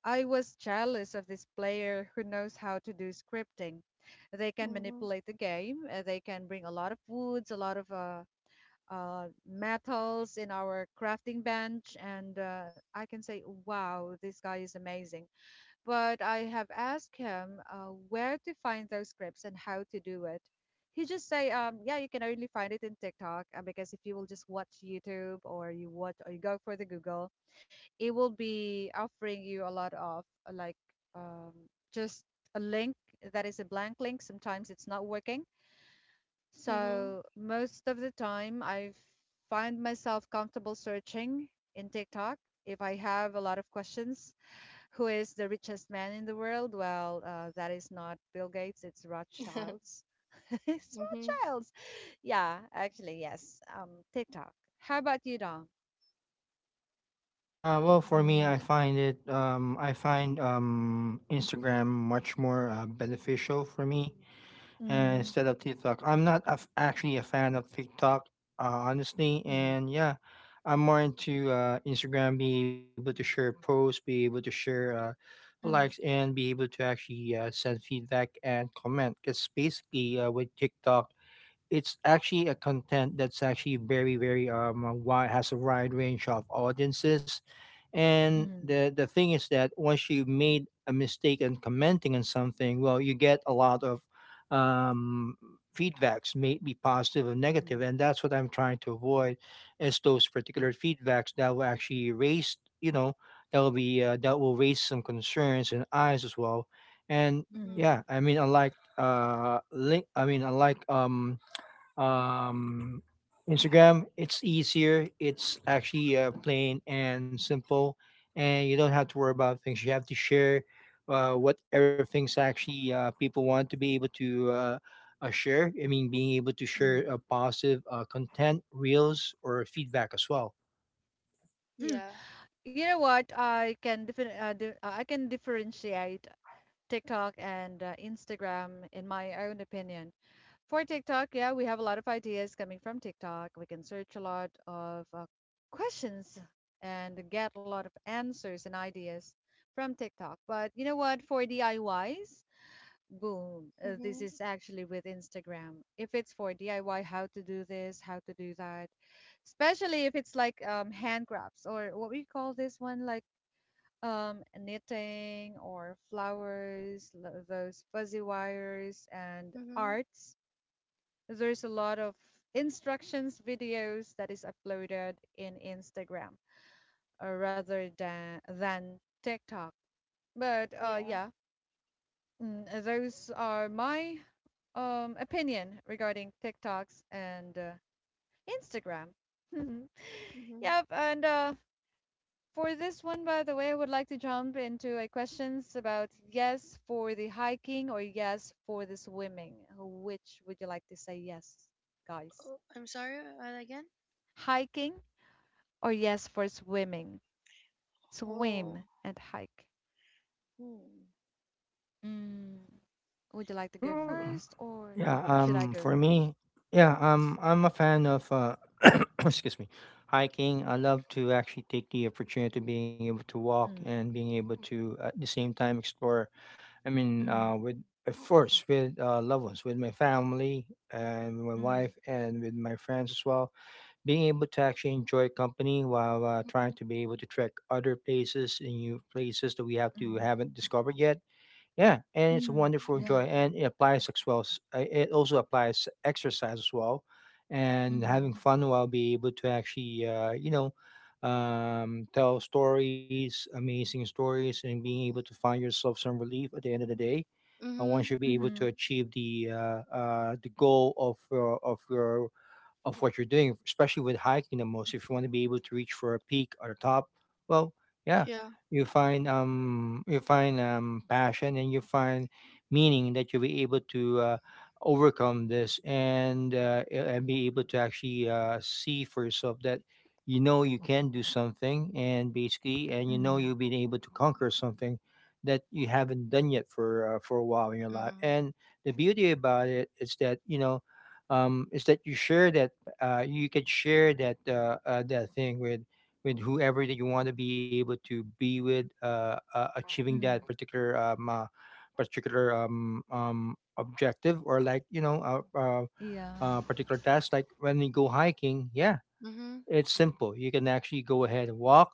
Speaker 1: I was jealous of this player who knows how to do scripting. They can
Speaker 3: Mhm.
Speaker 1: manipulate the game. They can bring a lot of woods, a lot of metals in our crafting bench, and I can say, "Wow, this guy is amazing." But I have asked him where to find those scripts and how to do it. He just say, "Yeah, you can only find it in TikTok because if you will just watch YouTube or you watch or you go for the Google." It will be offering you a lot of uh, like um, just a link that is a blank link. Sometimes it's not working.
Speaker 3: Mhm.
Speaker 1: So most of the time, I find myself comfortable searching in TikTok if I have a lot of questions. Who is the richest man in the world? Well, that is not Bill Gates. It's Rothschilds. It's
Speaker 3: Mhm.
Speaker 1: Rothschilds. Yeah, actually, yes. TikTok. How about you, Dom?
Speaker 2: Well, for me, I
Speaker 1: Mm,
Speaker 2: find it, I find Instagram much more beneficial for me
Speaker 1: mm-hmm,
Speaker 2: instead of TikTok. I'm not a f actually a fan of TikTok, honestly.
Speaker 1: mm-hmm,
Speaker 2: And yeah, I'm more into Instagram, be able to share posts, be able to share likes, and be able to actually send feedback and comment. Because basically, with TikTok, it's actually a content that's actually very very wide, has a wide range of audiences. And
Speaker 1: mhm,
Speaker 2: the thing is that once you made a mistake in commenting on something, well, you get a lot of um feedbacks, may it be positive or negative,
Speaker 1: mhm,
Speaker 2: and that's what I'm trying to avoid, is those particular feedbacks that will actually raise you know that will be that will raise some concerns and eyes as well. And
Speaker 3: Mhm.
Speaker 1: mhm,
Speaker 2: yeah, I mean, unlike link I mean, unlike um, Instagram. It's easier. It's actually plain and simple, and you don't have to worry about things. You have to share what everything's actually people want to be able to share. I mean, being able to share
Speaker 1: mhm.
Speaker 2: positive content, reels, or feedback as well.
Speaker 1: Mm.
Speaker 3: Yeah.
Speaker 1: You know what? I can differentiate TikTok and Instagram in my own opinion. For TikTok, yeah, we have a lot of ideas coming from TikTok. We can search a lot of questions and get a lot of answers and ideas from TikTok. But you know what? For DIYs, boom, this
Speaker 3: Mhm.
Speaker 1: is actually with Instagram. If it's for DIY, how to do this, how to do that, especially if it's like hand crafts or what we call this one, like knitting or flowers, those fuzzy wires and
Speaker 3: Mhm.
Speaker 1: arts. There's a lot of instructions videos that is uploaded in Instagram rather than TikTok. But
Speaker 3: Yeah.
Speaker 1: yeah, mm, those are my opinion regarding TikToks and Instagram.
Speaker 3: Mhm.
Speaker 1: Yep, and for this one, by the way, I would like to jump into a questions about yes for the hiking or yes for the swimming. Which would you like to say yes, guys?
Speaker 3: Oh, I'm sorry. Again?
Speaker 1: Hiking or yes for swimming?
Speaker 3: Oh.
Speaker 1: Swim and hike.
Speaker 3: Hmm.
Speaker 1: Mm, would you like to go first or
Speaker 2: Yeah,
Speaker 3: I
Speaker 1: should I
Speaker 3: c-
Speaker 1: go
Speaker 2: for
Speaker 1: first?
Speaker 2: me, yeah, I'm a fan of, excuse me, hiking. I love to actually take the opportunity of being able to walk
Speaker 1: Mm,
Speaker 2: and being able to at the same time explore. I mean,
Speaker 1: mm,
Speaker 2: with of course with loved ones, with my family and with my
Speaker 1: mm.
Speaker 2: wife and with my friends as well. Being able to actually enjoy company while trying to be able to trek other places and new places that we have to
Speaker 1: Mhm.
Speaker 2: haven't discovered yet. Yeah, and it's a
Speaker 1: Mhm.
Speaker 2: wonderful
Speaker 1: Yeah.
Speaker 2: joy, and it applies as well. It also applies exercise as well, and
Speaker 1: Mhm.
Speaker 2: having fun while be able to actually, tell stories, amazing stories, and being able to find yourself some relief at the end of the day. And
Speaker 3: mhm.
Speaker 2: once you be able
Speaker 1: Mhm.
Speaker 2: to achieve the goal of your of what you're doing, especially with hiking the most. If you want to be able to reach for a peak or a top, well, yeah,
Speaker 3: Yeah.
Speaker 2: you find passion, and you find meaning that you'll be able to overcome this and and be able to actually see for yourself that you know you can do something, and basically, and you know
Speaker 1: Mm.
Speaker 2: you'll be able to conquer something that you haven't done yet for a while in your life.
Speaker 3: Mhm.
Speaker 2: And the beauty about it is that is that you share that you can share that that thing with whoever that you want to be able to be with, achieving that
Speaker 1: Mhm.
Speaker 2: particular particular objective, or, like, you know, a, a,
Speaker 1: Yeah.
Speaker 2: a particular task. Like when we go hiking, yeah,
Speaker 3: Mhm.
Speaker 2: it's simple. You can actually go ahead and walk.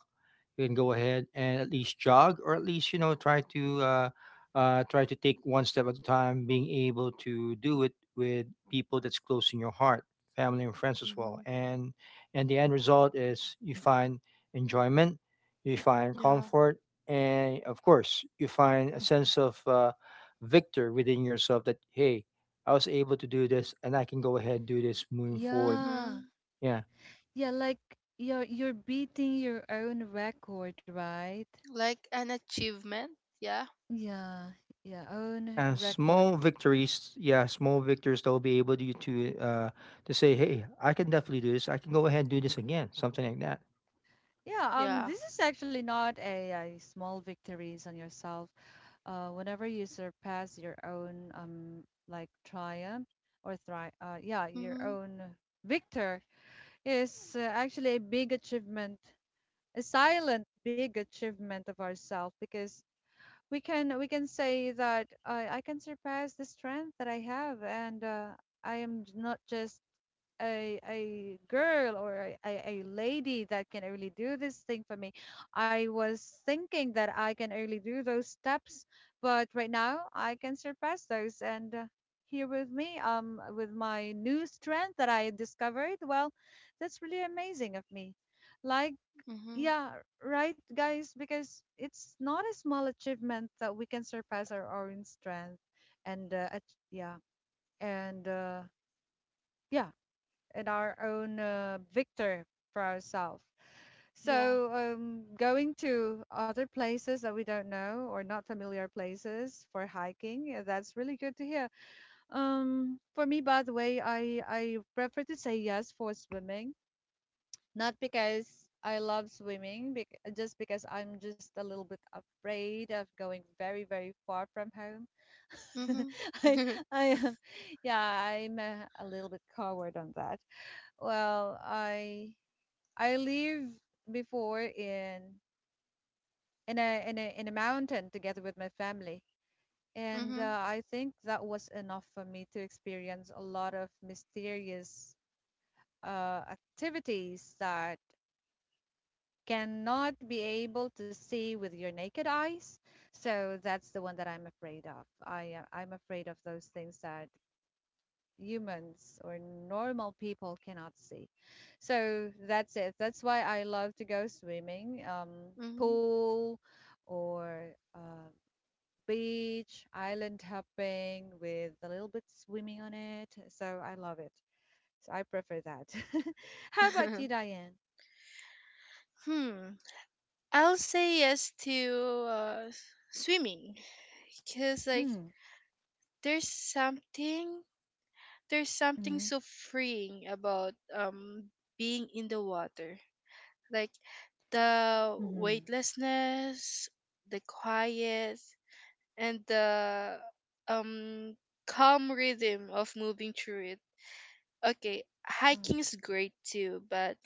Speaker 2: You can go ahead and at least jog, or at least you know try to try to take one step at a time. Being able to do it with people that's close in your heart, family and friends as well,
Speaker 3: Mhm.
Speaker 2: and the end result is you find enjoyment, you find
Speaker 3: Yeah.
Speaker 2: comfort, and of course you find a sense of victor within yourself that hey, I was able to do this, and I can go ahead and do this moving forward.
Speaker 1: Yeah.
Speaker 3: Mhm.
Speaker 2: Yeah.
Speaker 1: Yeah, like you're beating your own record, right?
Speaker 3: Like an achievement. Yeah.
Speaker 1: Yeah. Yeah, own
Speaker 2: Yeah,
Speaker 1: record.
Speaker 2: small victories. Yeah, small victories that will be able to to say, "Hey, I can definitely do this. I can go ahead and do this again." Something like that.
Speaker 1: Yeah,
Speaker 3: Yeah.
Speaker 1: this is actually not a small victories on yourself. Whenever you surpass your own like triumph or thri yeah, your
Speaker 3: Mhm.
Speaker 1: own victor is actually a big achievement, a silent big achievement of ourselves because we can say that I can surpass the strength that I have, and I am not just a girl or a lady that can only do this thing for me. I was thinking that I can only do those steps, but right now I can surpass those. And here with me, with my new strength that I discovered, well, that's really amazing of me. Like
Speaker 3: Mhm.
Speaker 1: yeah, right, guys, because it's not a small achievement that we can surpass our own strength and yeah, and yeah, and our own victor for ourselves.
Speaker 3: Yeah.
Speaker 1: So, going to other places that we don't know or not familiar places for hiking, that's really good to hear. For me, by the way, I prefer to say yes for swimming. Not because I love swimming, bec just because I'm just a little bit afraid of going very, very far from home.
Speaker 3: Mhm.
Speaker 1: I, I am, yeah, I'm a little bit coward on that. Well, I live before in in a mountain together with my family, and
Speaker 3: Mhm.
Speaker 1: I think that was enough for me to experience a lot of mysterious activities that cannot be able to see with your naked eyes. So that's the one that I'm afraid of. I'm afraid of those things that humans or normal people cannot see. So that's it. That's why I love to go swimming,
Speaker 3: Mhm.
Speaker 1: pool, or beach, island hopping with a little bit swimming on it. So I love it. So I prefer that. How about you, Diane?
Speaker 3: Hmm. I'll say yes to uh, swimming because like
Speaker 1: Mm,
Speaker 3: there's something there's something
Speaker 1: mm,
Speaker 3: so freeing about being in the water. Like the
Speaker 1: mm,
Speaker 3: weightlessness, the quiet, and the um calm rhythm of moving through it. Okay,
Speaker 1: mm,
Speaker 3: hiking's great too, but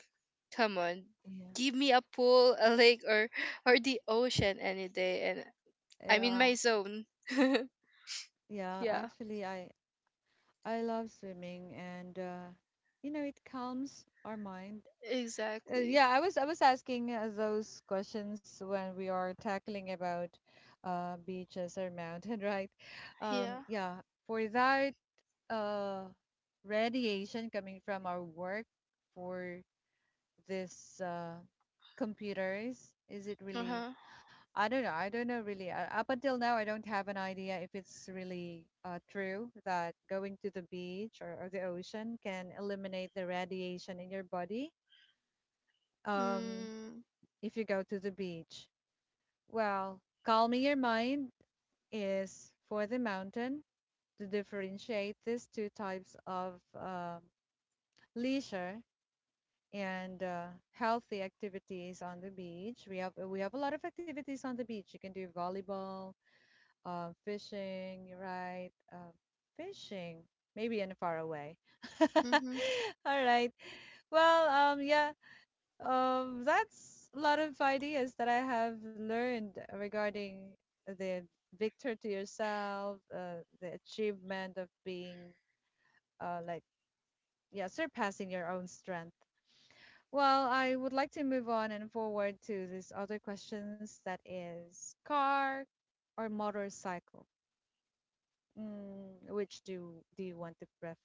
Speaker 3: come on,
Speaker 1: yeah.
Speaker 3: give me a pool, a lake, or the ocean any day, and I'm in
Speaker 1: Yeah,
Speaker 3: my zone.
Speaker 1: yeah,
Speaker 3: Yeah,
Speaker 1: actually I love swimming, and you know it calms our mind.
Speaker 3: exactly.
Speaker 1: Yeah, I was asking those questions when we are tackling about beaches or mountain, right?
Speaker 3: Yeah.
Speaker 1: Yeah, for that uh radiation coming from our work for this computers, is it
Speaker 3: Uh
Speaker 1: really?
Speaker 3: huh.
Speaker 1: I don't know. I don't know really. Up until now, I don't have an idea if it's really true that going to the beach or the ocean can eliminate the radiation in your body um,
Speaker 3: Mm.
Speaker 1: if you go to the beach. Well, calming your mind is for the mountain to differentiate these two types of leisure and healthy activities on the beach. We have a lot of activities on the beach. You can do volleyball, fishing, right? Fishing, maybe in far away. All
Speaker 3: Mhm.
Speaker 1: right. Well, yeah, that's a lot of ideas that I have learned regarding the victor to yourself, the achievement of being, like, yeah, surpassing your own strength. Well, I would like to move on and forward to these other questions that is car or motorcycle? Mm, which do you want to prefer?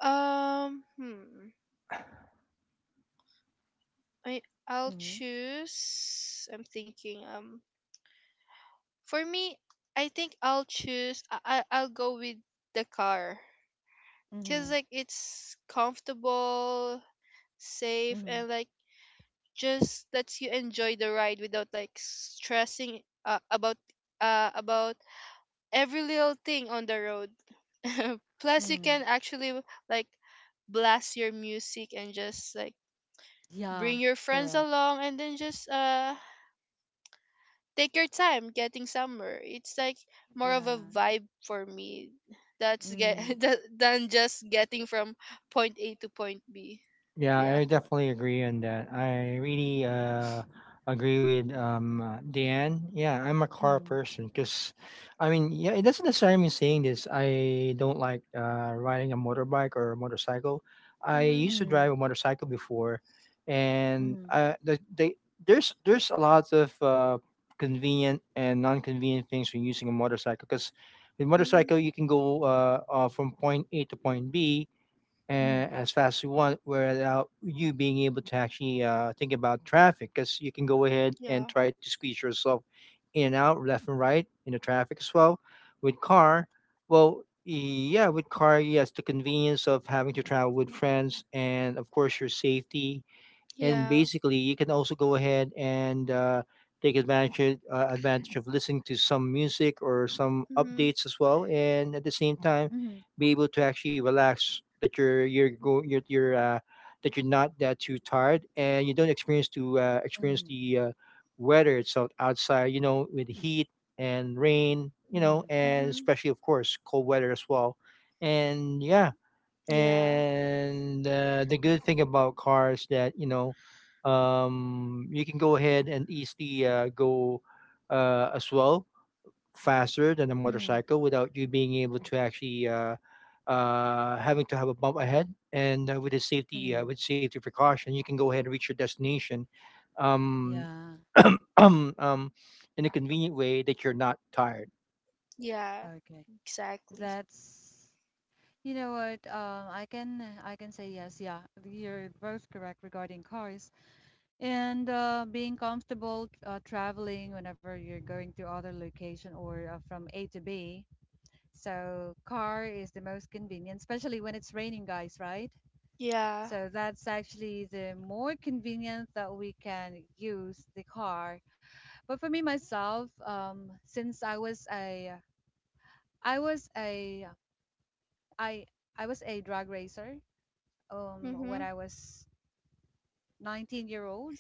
Speaker 3: Hmm. I I'll
Speaker 1: Mm-hmm.
Speaker 3: choose. I'm thinking. For me, I think I'll choose. I'll go with the car. Cause
Speaker 1: Mm-hmm.
Speaker 3: like it's comfortable, safe,
Speaker 1: Mm-hmm.
Speaker 3: and like just lets you enjoy the ride without like stressing about every little thing on the road. Plus, you
Speaker 1: Mm-hmm.
Speaker 3: can actually like blast your music and just like bring
Speaker 1: Yeah.
Speaker 3: your friends
Speaker 1: Correct.
Speaker 3: along and then just take your time getting somewhere. It's like more of a
Speaker 1: Yeah.
Speaker 3: vibe for me. That's get
Speaker 1: Mm.
Speaker 3: than just getting from point A to point B.
Speaker 2: Yeah,
Speaker 3: Yeah.
Speaker 2: I definitely agree on that. I really agree with Dan. Yeah, I'm a car
Speaker 1: Mm.
Speaker 2: person because I mean, yeah, it doesn't necessarily mean saying this. I don't like riding a motorbike or a motorcycle. I
Speaker 3: Mhm.
Speaker 2: used to
Speaker 1: Mm.
Speaker 2: drive a motorcycle before, and
Speaker 1: Mm.
Speaker 2: they, there's a lot of convenient and non-convenient things when using a motorcycle. Because with
Speaker 3: Mhm.
Speaker 2: motorcycle you can go from point A to point B
Speaker 1: Mm.
Speaker 2: and as fast as you want, without you being able to actually think about traffic, because you can go ahead and
Speaker 3: Yeah.
Speaker 2: try to squeeze yourself in and out, left and right in the traffic as well. With car well Yeah, with car, yes, the convenience of having to travel with friends and of course your safety, and
Speaker 3: Yeah.
Speaker 2: basically you can also go ahead and advantage of listening to some music or some
Speaker 3: Mhm.
Speaker 2: updates as well, and at the same time
Speaker 1: Mm.
Speaker 2: be able to actually relax, that you're go, you're that you're not that too tired, and you don't experience to experience
Speaker 1: Mm.
Speaker 2: the weather itself outside, you know, with heat and rain, you know,
Speaker 1: Mm.
Speaker 2: and
Speaker 3: Mhm.
Speaker 2: especially of course cold weather as well. And yeah,
Speaker 3: Yeah.
Speaker 2: and the good thing about cars, that you know, you can go ahead and easily go as well faster than a
Speaker 1: Mm.
Speaker 2: motorcycle, without you being able to actually having to have a bump ahead, and
Speaker 1: Mm.
Speaker 2: with safety precaution you can go ahead and reach your destination um,
Speaker 1: Yeah.
Speaker 2: um, um, in a convenient way that you're not tired.
Speaker 3: Yeah.
Speaker 1: Okay.
Speaker 3: Exactly.
Speaker 1: That's, you know what, I can say yes, yeah. You're both correct regarding cars and being comfortable traveling whenever you're going to other location or from A to B. So car is the most convenient, especially when it's raining, guys, right?
Speaker 3: Yeah.
Speaker 1: So that's actually the more convenient that we can use the car. But for me myself, since I was a I was a I I was a drag racer when
Speaker 3: Mhm.
Speaker 1: I was 19-year-old.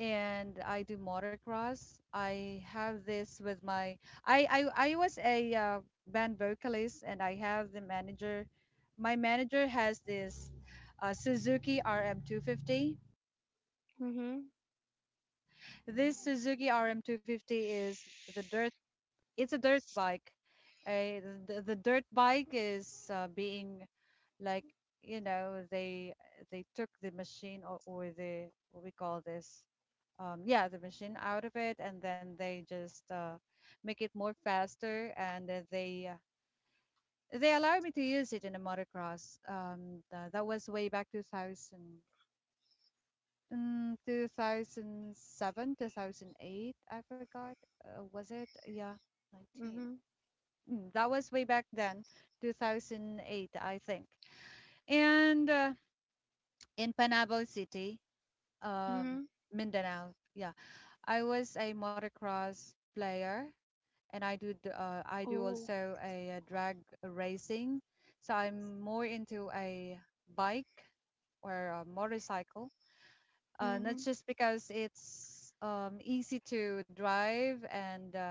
Speaker 1: And I do motocross. I have this with my I was a band vocalist and I have the manager. My manager has this Suzuki RM250.
Speaker 3: Mhm.
Speaker 1: This Suzuki RM250 is the dirt. It's a dirt bike. Uh, the dirt bike is being like, you know, they took the machine or the what we call this yeah, the machine out of it, and then they just make it more faster, and they allowed me to use it in a motocross that was way back 2000, mm, 2007, 2008, I forgot, was it, yeah, 19,
Speaker 3: Mhm.
Speaker 1: mm, that was way back then, 2008 I think, and in Panabo City, um,
Speaker 3: Mhm.
Speaker 1: Mindanao, yeah, I was a motocross player, and I do
Speaker 3: Ooh.
Speaker 1: also a, drag racing. So I'm more into a bike or a motorcycle, not
Speaker 3: Mhm.
Speaker 1: just because it's easy to drive, and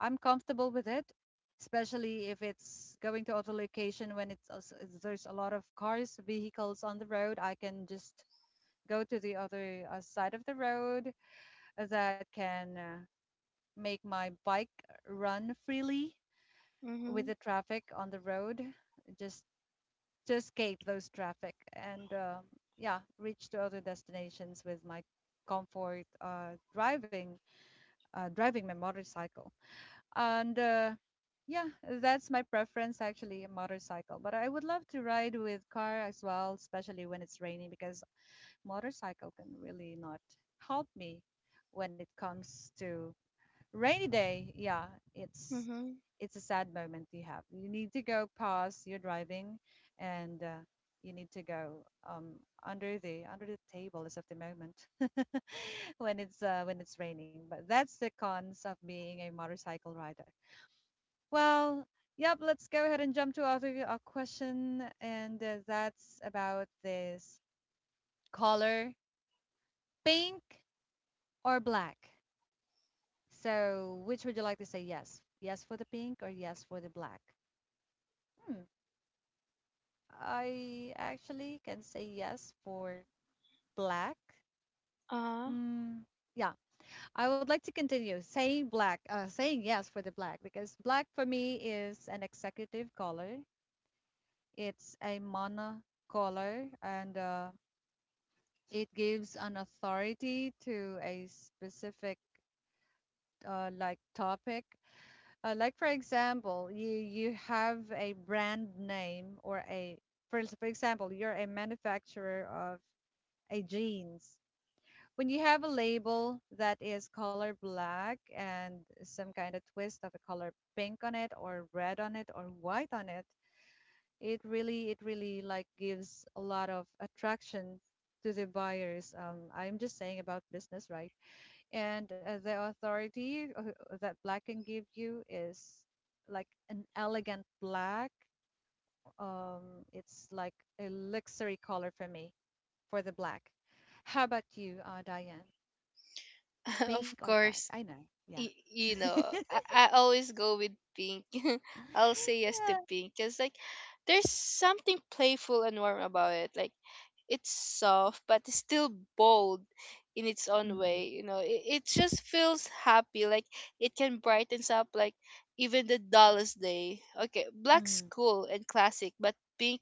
Speaker 1: I'm comfortable with it, especially if it's going to auto location when it's there's a lot of cars, vehicles on the road. I can just go to the other side of the road that can make my bike run freely with the
Speaker 3: Mhm.
Speaker 1: traffic on the road, just to escape those traffic, and yeah, reach to other destinations with my comfort driving my motorcycle, and yeah, that's my preference, actually a motorcycle, but I would love to ride with car as well, especially when it's raining, because motorcycle can really not help me when it comes to rainy day, yeah, it's
Speaker 3: Mhm.
Speaker 1: it's a sad moment. You have, you need to go pause your driving, and you need to go, um, under the table as of the moment when it's raining, but that's the cons of being a motorcycle rider. Well, yep, let's go ahead and jump to other question, and that's about this color pink or black. So, which would you like to say yes? Yes for the pink or yes for the black? Hmm. I actually can say yes for black.
Speaker 3: Uh,
Speaker 1: Mm, yeah, I would like to continue saying black, saying yes for the black, because black for me is an executive color. It's a mono color, and it gives an authority to a specific like topic. Like for example, you have a brand name or a, for example, you're a manufacturer of a jeans. When you have a label that is color black and some kind of twist of a color pink on it or red on it or white on it, it really like gives a lot of attraction to the buyers. I'm just saying about business, right? And the authority that black can give you is like an elegant black, it's like a luxury color for me, for the black. How about you, Diane?
Speaker 3: of
Speaker 1: Pink or black?
Speaker 3: course.
Speaker 1: I know, yeah.
Speaker 3: You
Speaker 1: Yeah.
Speaker 3: know, I always go with pink. I'll say yes to pink because like there's something playful and warm about it. Like it's soft but it's still bold in its own
Speaker 1: Mm-hmm.
Speaker 3: way. You know, it just feels happy. Like it can brightens up like even the dullest day. Okay, black's cool and classic, but pink,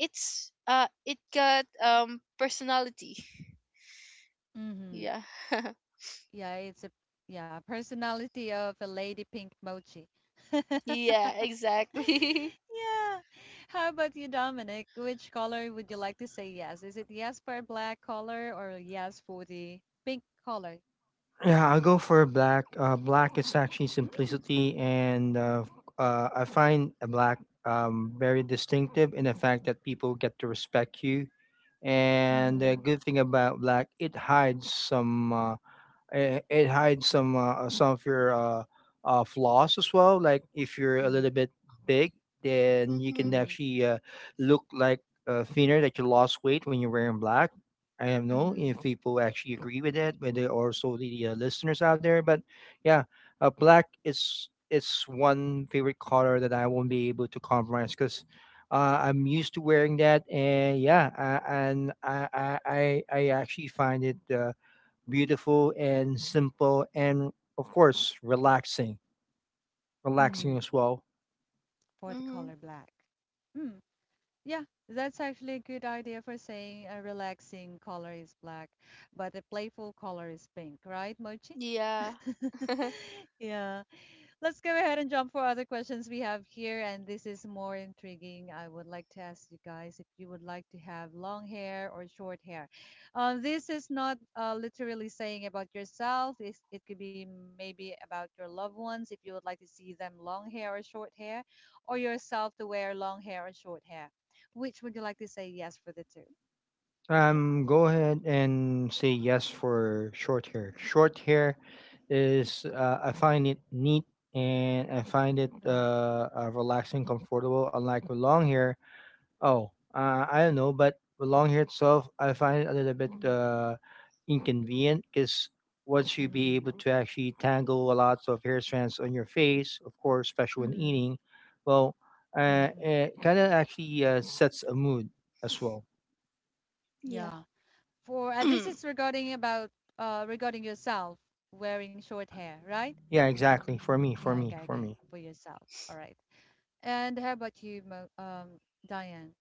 Speaker 3: it's it got personality.
Speaker 1: Mm-hmm.
Speaker 3: Yeah.
Speaker 1: Yeah, it's a, yeah, personality of a lady, pink mochi.
Speaker 3: Yeah, exactly.
Speaker 1: Yeah. How about you, Dominic? Which color would you like to say yes? Is it yes for black color or yes for the pink color?
Speaker 2: Yeah, I'll go for black. Black is actually
Speaker 1: Mm.
Speaker 2: simplicity, and I find a black very distinctive in the fact that people get to respect you. And the
Speaker 1: Mm-hmm.
Speaker 2: good thing about black, it hides some it hides some of your flaws as well. Like if you're a
Speaker 1: Mm-hmm.
Speaker 2: little bit big, then you can
Speaker 3: Mhm.
Speaker 1: Mm-hmm.
Speaker 2: actually look like thinner, that you lost weight when you're wearing black. I don't know
Speaker 1: Mm-hmm.
Speaker 2: if people actually agree with that, but there are also the listeners out there. But yeah, black is, it's one favorite color that I won't be able to compromise, because I'm used to wearing that. And yeah, and I actually find it beautiful and simple, and of course relaxing,
Speaker 1: Mm-hmm.
Speaker 2: relaxing as well.
Speaker 1: For the
Speaker 3: Mhm.
Speaker 1: color black. Mm. Yeah, that's actually a good idea for saying a relaxing color is black, but a playful color is pink, right, Mochi?
Speaker 3: Yeah.
Speaker 1: Yeah. Let's go ahead and jump for other questions we have here. And this is more intriguing. I would like to ask you guys if you would like to have long hair or short hair. This is not literally saying about yourself, it could be maybe about your loved ones if you would like to see them long hair or short hair, or yourself to wear long hair or short hair. Which would you like to say yes for the two?
Speaker 2: Go ahead and say yes for short hair. Short hair is, I find it neat, and I find it
Speaker 1: Mhm.
Speaker 2: relaxing, comfortable, unlike with long hair. Oh, I don't know, but the long hair itself, I find it a little bit inconvenient, because once you be able
Speaker 1: Mm-hmm.
Speaker 2: to actually tangle a lot of hair strands on your face, of course, especially when
Speaker 1: Mm-hmm.
Speaker 2: eating, well,
Speaker 1: Mm-hmm.
Speaker 2: it kind of actually sets a mood as well.
Speaker 3: Yeah.
Speaker 1: Yeah. For this
Speaker 3: Oh,
Speaker 1: is regarding about regarding yourself wearing short
Speaker 2: Yeah,
Speaker 1: hair, right?
Speaker 2: yeah, exactly. For me, for
Speaker 1: Yeah,
Speaker 2: me,
Speaker 1: okay,
Speaker 2: for
Speaker 1: okay,
Speaker 2: me.
Speaker 1: for yourself. All right. And how about you, Mo Diane?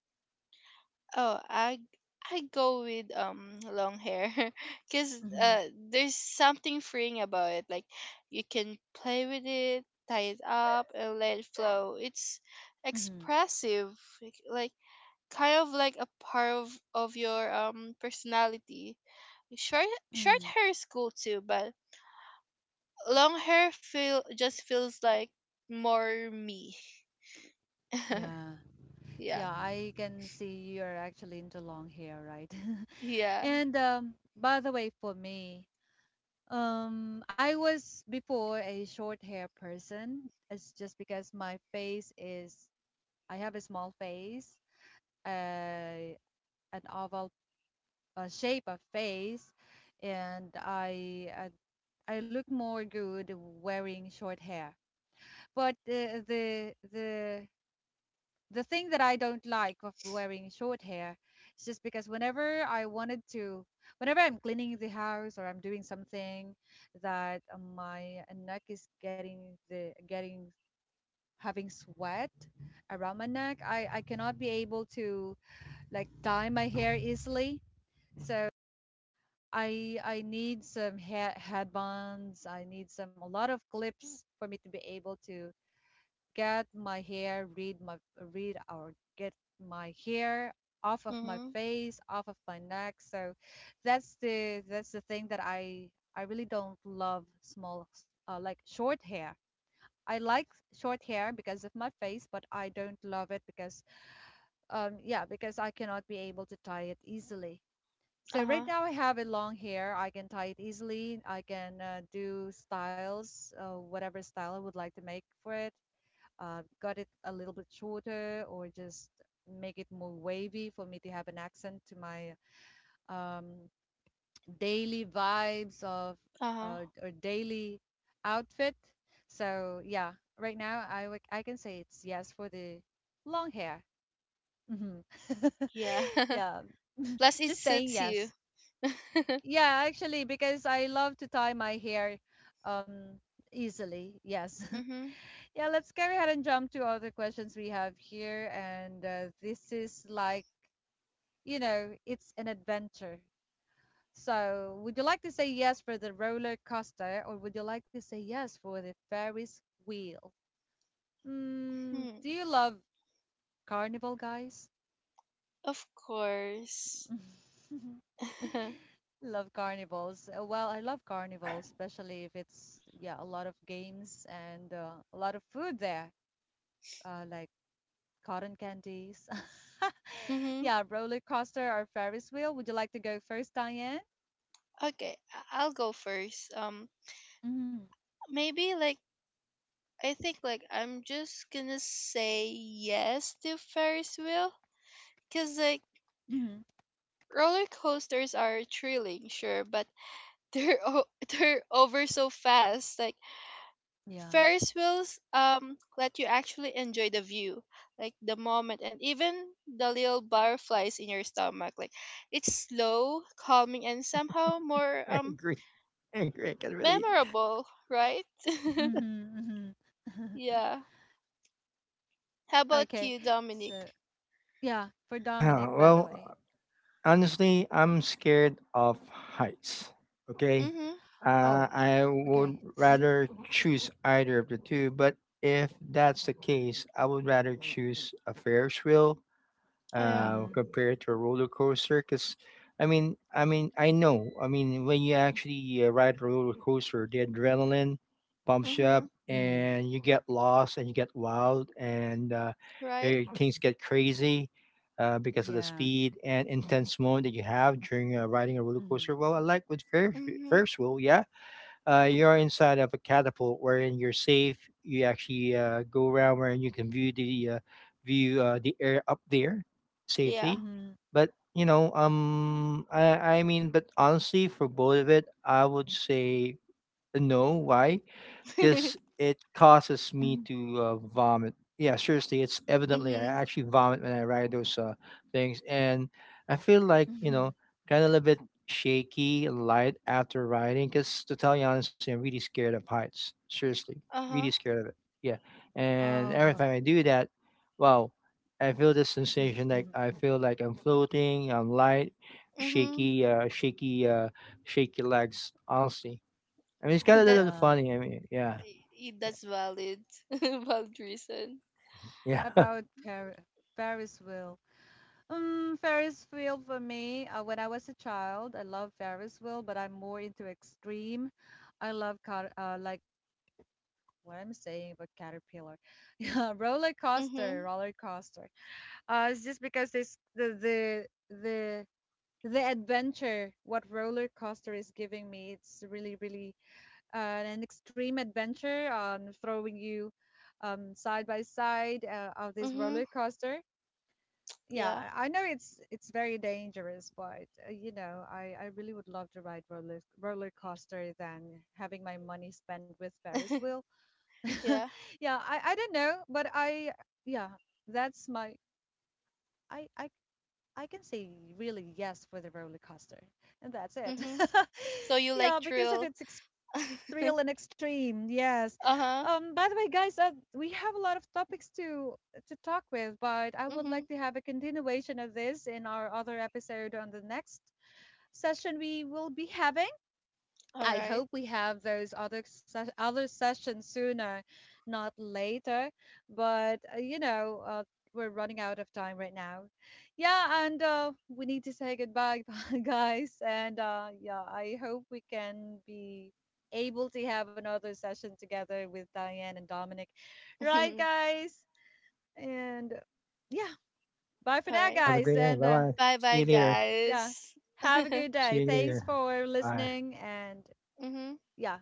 Speaker 3: I I go with long hair cuz
Speaker 1: Mm-hmm.
Speaker 3: there's something freeing about it. Like you can play with it, tie it up and let it flow. It's
Speaker 1: Mm-hmm.
Speaker 3: expressive. Like like, kind of like a part of your personality. Short Short
Speaker 1: Mm-hmm.
Speaker 3: hair is cool too, but long hair feel just feels like more me.
Speaker 1: Yeah,
Speaker 3: Yeah.
Speaker 1: yeah, I can see you're actually into long hair, right?
Speaker 3: Yeah.
Speaker 1: And by the way, for me, I was before a short hair person. It's just because my face is, I have a small face, uh, an oval shape of face, and I look more good wearing short hair. But the thing that I don't like of wearing short hair is just because whenever I'm cleaning the house or I'm doing something that my neck is getting having sweat around my neck, I cannot be able to like dye my hair easily. So I need some headbands. I need some a lot of clips for me to be able to get my hair, read my read or get my hair off of my
Speaker 3: Mhm.
Speaker 1: face, off of my neck. So that's the thing that I really don't love small like short hair. I like short hair because of my face, but I don't love it because yeah, because I cannot be able to tie it easily. So right
Speaker 3: Uh-huh.
Speaker 1: now I have a long hair. I can tie it easily. I can do styles, whatever style I would like to make for it. Got it a little bit shorter or just make it more wavy for me to have an accent to my um, daily vibes of
Speaker 3: Uh-huh.
Speaker 1: or daily outfit. So yeah, right now I can say it's yes for the long hair. hmm
Speaker 3: Yeah.
Speaker 1: yeah,
Speaker 3: Plus it
Speaker 1: just saying
Speaker 3: suits you.
Speaker 1: yes. Yeah, actually, because I love to tie my hair um easily. Yes.
Speaker 3: Mm-hmm.
Speaker 1: Yeah, let's carry ahead and jump to other questions we have here. And this is like, you know, it's an adventure. So, would you like to say yes for the roller coaster or would you like to say yes for the Ferris wheel? Do
Speaker 3: Hmm.
Speaker 1: you love carnival, guys?
Speaker 3: Of course.
Speaker 1: Love carnivals. Well, I love carnivals, especially if it's yeah, a lot of games and a lot of food there, like cotton candies.
Speaker 3: Mm-hmm.
Speaker 1: Yeah, roller coaster or Ferris wheel. Would you like to go first, Diane?
Speaker 3: Okay, I'll go first.
Speaker 1: Mm-hmm.
Speaker 3: Maybe like I think like I'm just gonna say yes to Ferris wheel cuz like
Speaker 1: Mm-hmm.
Speaker 3: roller coasters are thrilling, sure, but they're they're over so fast. Like
Speaker 1: Yeah.
Speaker 3: Ferris wheels let you actually enjoy the view, like the moment and even the little butterflies in your stomach. Like it's slow, calming and somehow more
Speaker 2: I agree. I agree. I can relate.
Speaker 3: memorable, right?
Speaker 1: Mm-hmm. Mm-hmm.
Speaker 3: Yeah. How about
Speaker 1: Okay.
Speaker 3: you,
Speaker 1: So
Speaker 3: Dominic?
Speaker 1: yeah, for
Speaker 2: Yeah,
Speaker 1: Dominic, by the
Speaker 2: well,
Speaker 1: way.
Speaker 2: honestly, I'm scared of heights. Okay.
Speaker 3: Mhm.
Speaker 1: Oh,
Speaker 2: I would
Speaker 1: okay.
Speaker 2: rather choose either of the two, but if that's the case, I would rather choose a Ferris wheel
Speaker 3: Oh yeah.
Speaker 1: Mm-hmm.
Speaker 2: compared to a roller coaster. Because I know. I mean, when you actually ride a roller coaster, the adrenaline pumps you up,
Speaker 3: Mhm.
Speaker 2: and you get lost, and you get wild, and
Speaker 3: Right.
Speaker 2: things get crazy. Because of the
Speaker 1: Yeah.
Speaker 2: speed and intense moment that you have during riding a roller
Speaker 1: Mm-hmm.
Speaker 2: coaster, well, I like with Ferris
Speaker 3: Mhm.
Speaker 2: Ferris wheel, yeah, you're inside of a catapult wherein you're safe. You actually go around wherein you can view the air up there
Speaker 3: Yeah.
Speaker 2: safely. But you know, I mean, but honestly, for both of it, I would say no. Why? Because it causes me
Speaker 1: Mm-hmm.
Speaker 2: to vomit. Yeah, seriously, it's evidently, I
Speaker 3: Mhm.
Speaker 2: actually vomit when I ride those things. And I feel like, you know, kind of a little bit shaky and light after riding. Because to tell you honestly, I'm really scared of heights. Seriously, really
Speaker 3: Uh-huh.
Speaker 2: scared of it. Yeah, and every
Speaker 1: Oh,
Speaker 2: time I do that, wow, I feel this sensation, like I feel like I'm floating. I'm light,
Speaker 3: Mhm.
Speaker 2: shaky, uh, shaky, uh, shaky legs. Honestly, I mean, it's kind of a
Speaker 3: That
Speaker 2: little
Speaker 1: yeah.
Speaker 2: funny. I mean, yeah.
Speaker 3: that's valid. Valid reason.
Speaker 2: Yeah.
Speaker 1: About Ferris wheel. Ferris wheel for me, when I was a child, I love Ferris wheel, but I'm more into extreme. I love car like what I'm saying about Caterpillar. Yeah,
Speaker 3: Mhm.
Speaker 1: roller coaster. It's just because this the the adventure what roller coaster is giving me, it's really really an extreme adventure, throwing you side by side of this
Speaker 3: Mhm.
Speaker 1: roller coaster. Yeah,
Speaker 3: Yeah.
Speaker 1: I know it's very dangerous, but you know, I really would love to ride roller coaster than having my money spent with Ferris wheel.
Speaker 3: Yeah.
Speaker 1: yeah, I don't know, but I yeah, that's my I, I I can say really yes for the roller coaster, and that's it.
Speaker 3: Mhm. So you
Speaker 1: yeah,
Speaker 3: like
Speaker 1: because of
Speaker 3: thrill.
Speaker 1: its thrill and extreme, yes.
Speaker 3: Uh-huh.
Speaker 1: By the way, guys, we have a lot of topics to talk with, but I would
Speaker 3: Mhm.
Speaker 1: like to have a continuation of this in our other episode on the next session we will be having.
Speaker 3: All
Speaker 1: I
Speaker 3: right.
Speaker 1: hope we have those other sessions sooner, not later. But we're running out of time right now. Yeah, and we need to say goodbye, guys. And yeah, I hope we can be able to have another session together with Diane and Dominic, right,
Speaker 3: All
Speaker 1: guys? And yeah, bye for now,
Speaker 3: right.
Speaker 2: Have a great
Speaker 1: guys.
Speaker 2: day. Bye
Speaker 1: And
Speaker 2: bye. See you
Speaker 3: Bye-bye
Speaker 2: later.
Speaker 1: yeah,
Speaker 3: guys.
Speaker 1: have a good
Speaker 2: See
Speaker 1: day.
Speaker 2: you
Speaker 1: Thanks
Speaker 2: later.
Speaker 1: for
Speaker 2: Bye.
Speaker 1: listening and
Speaker 3: Mhm.
Speaker 1: yeah,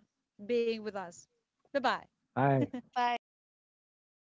Speaker 1: being with us. Bye bye.
Speaker 2: Bye.
Speaker 3: Bye.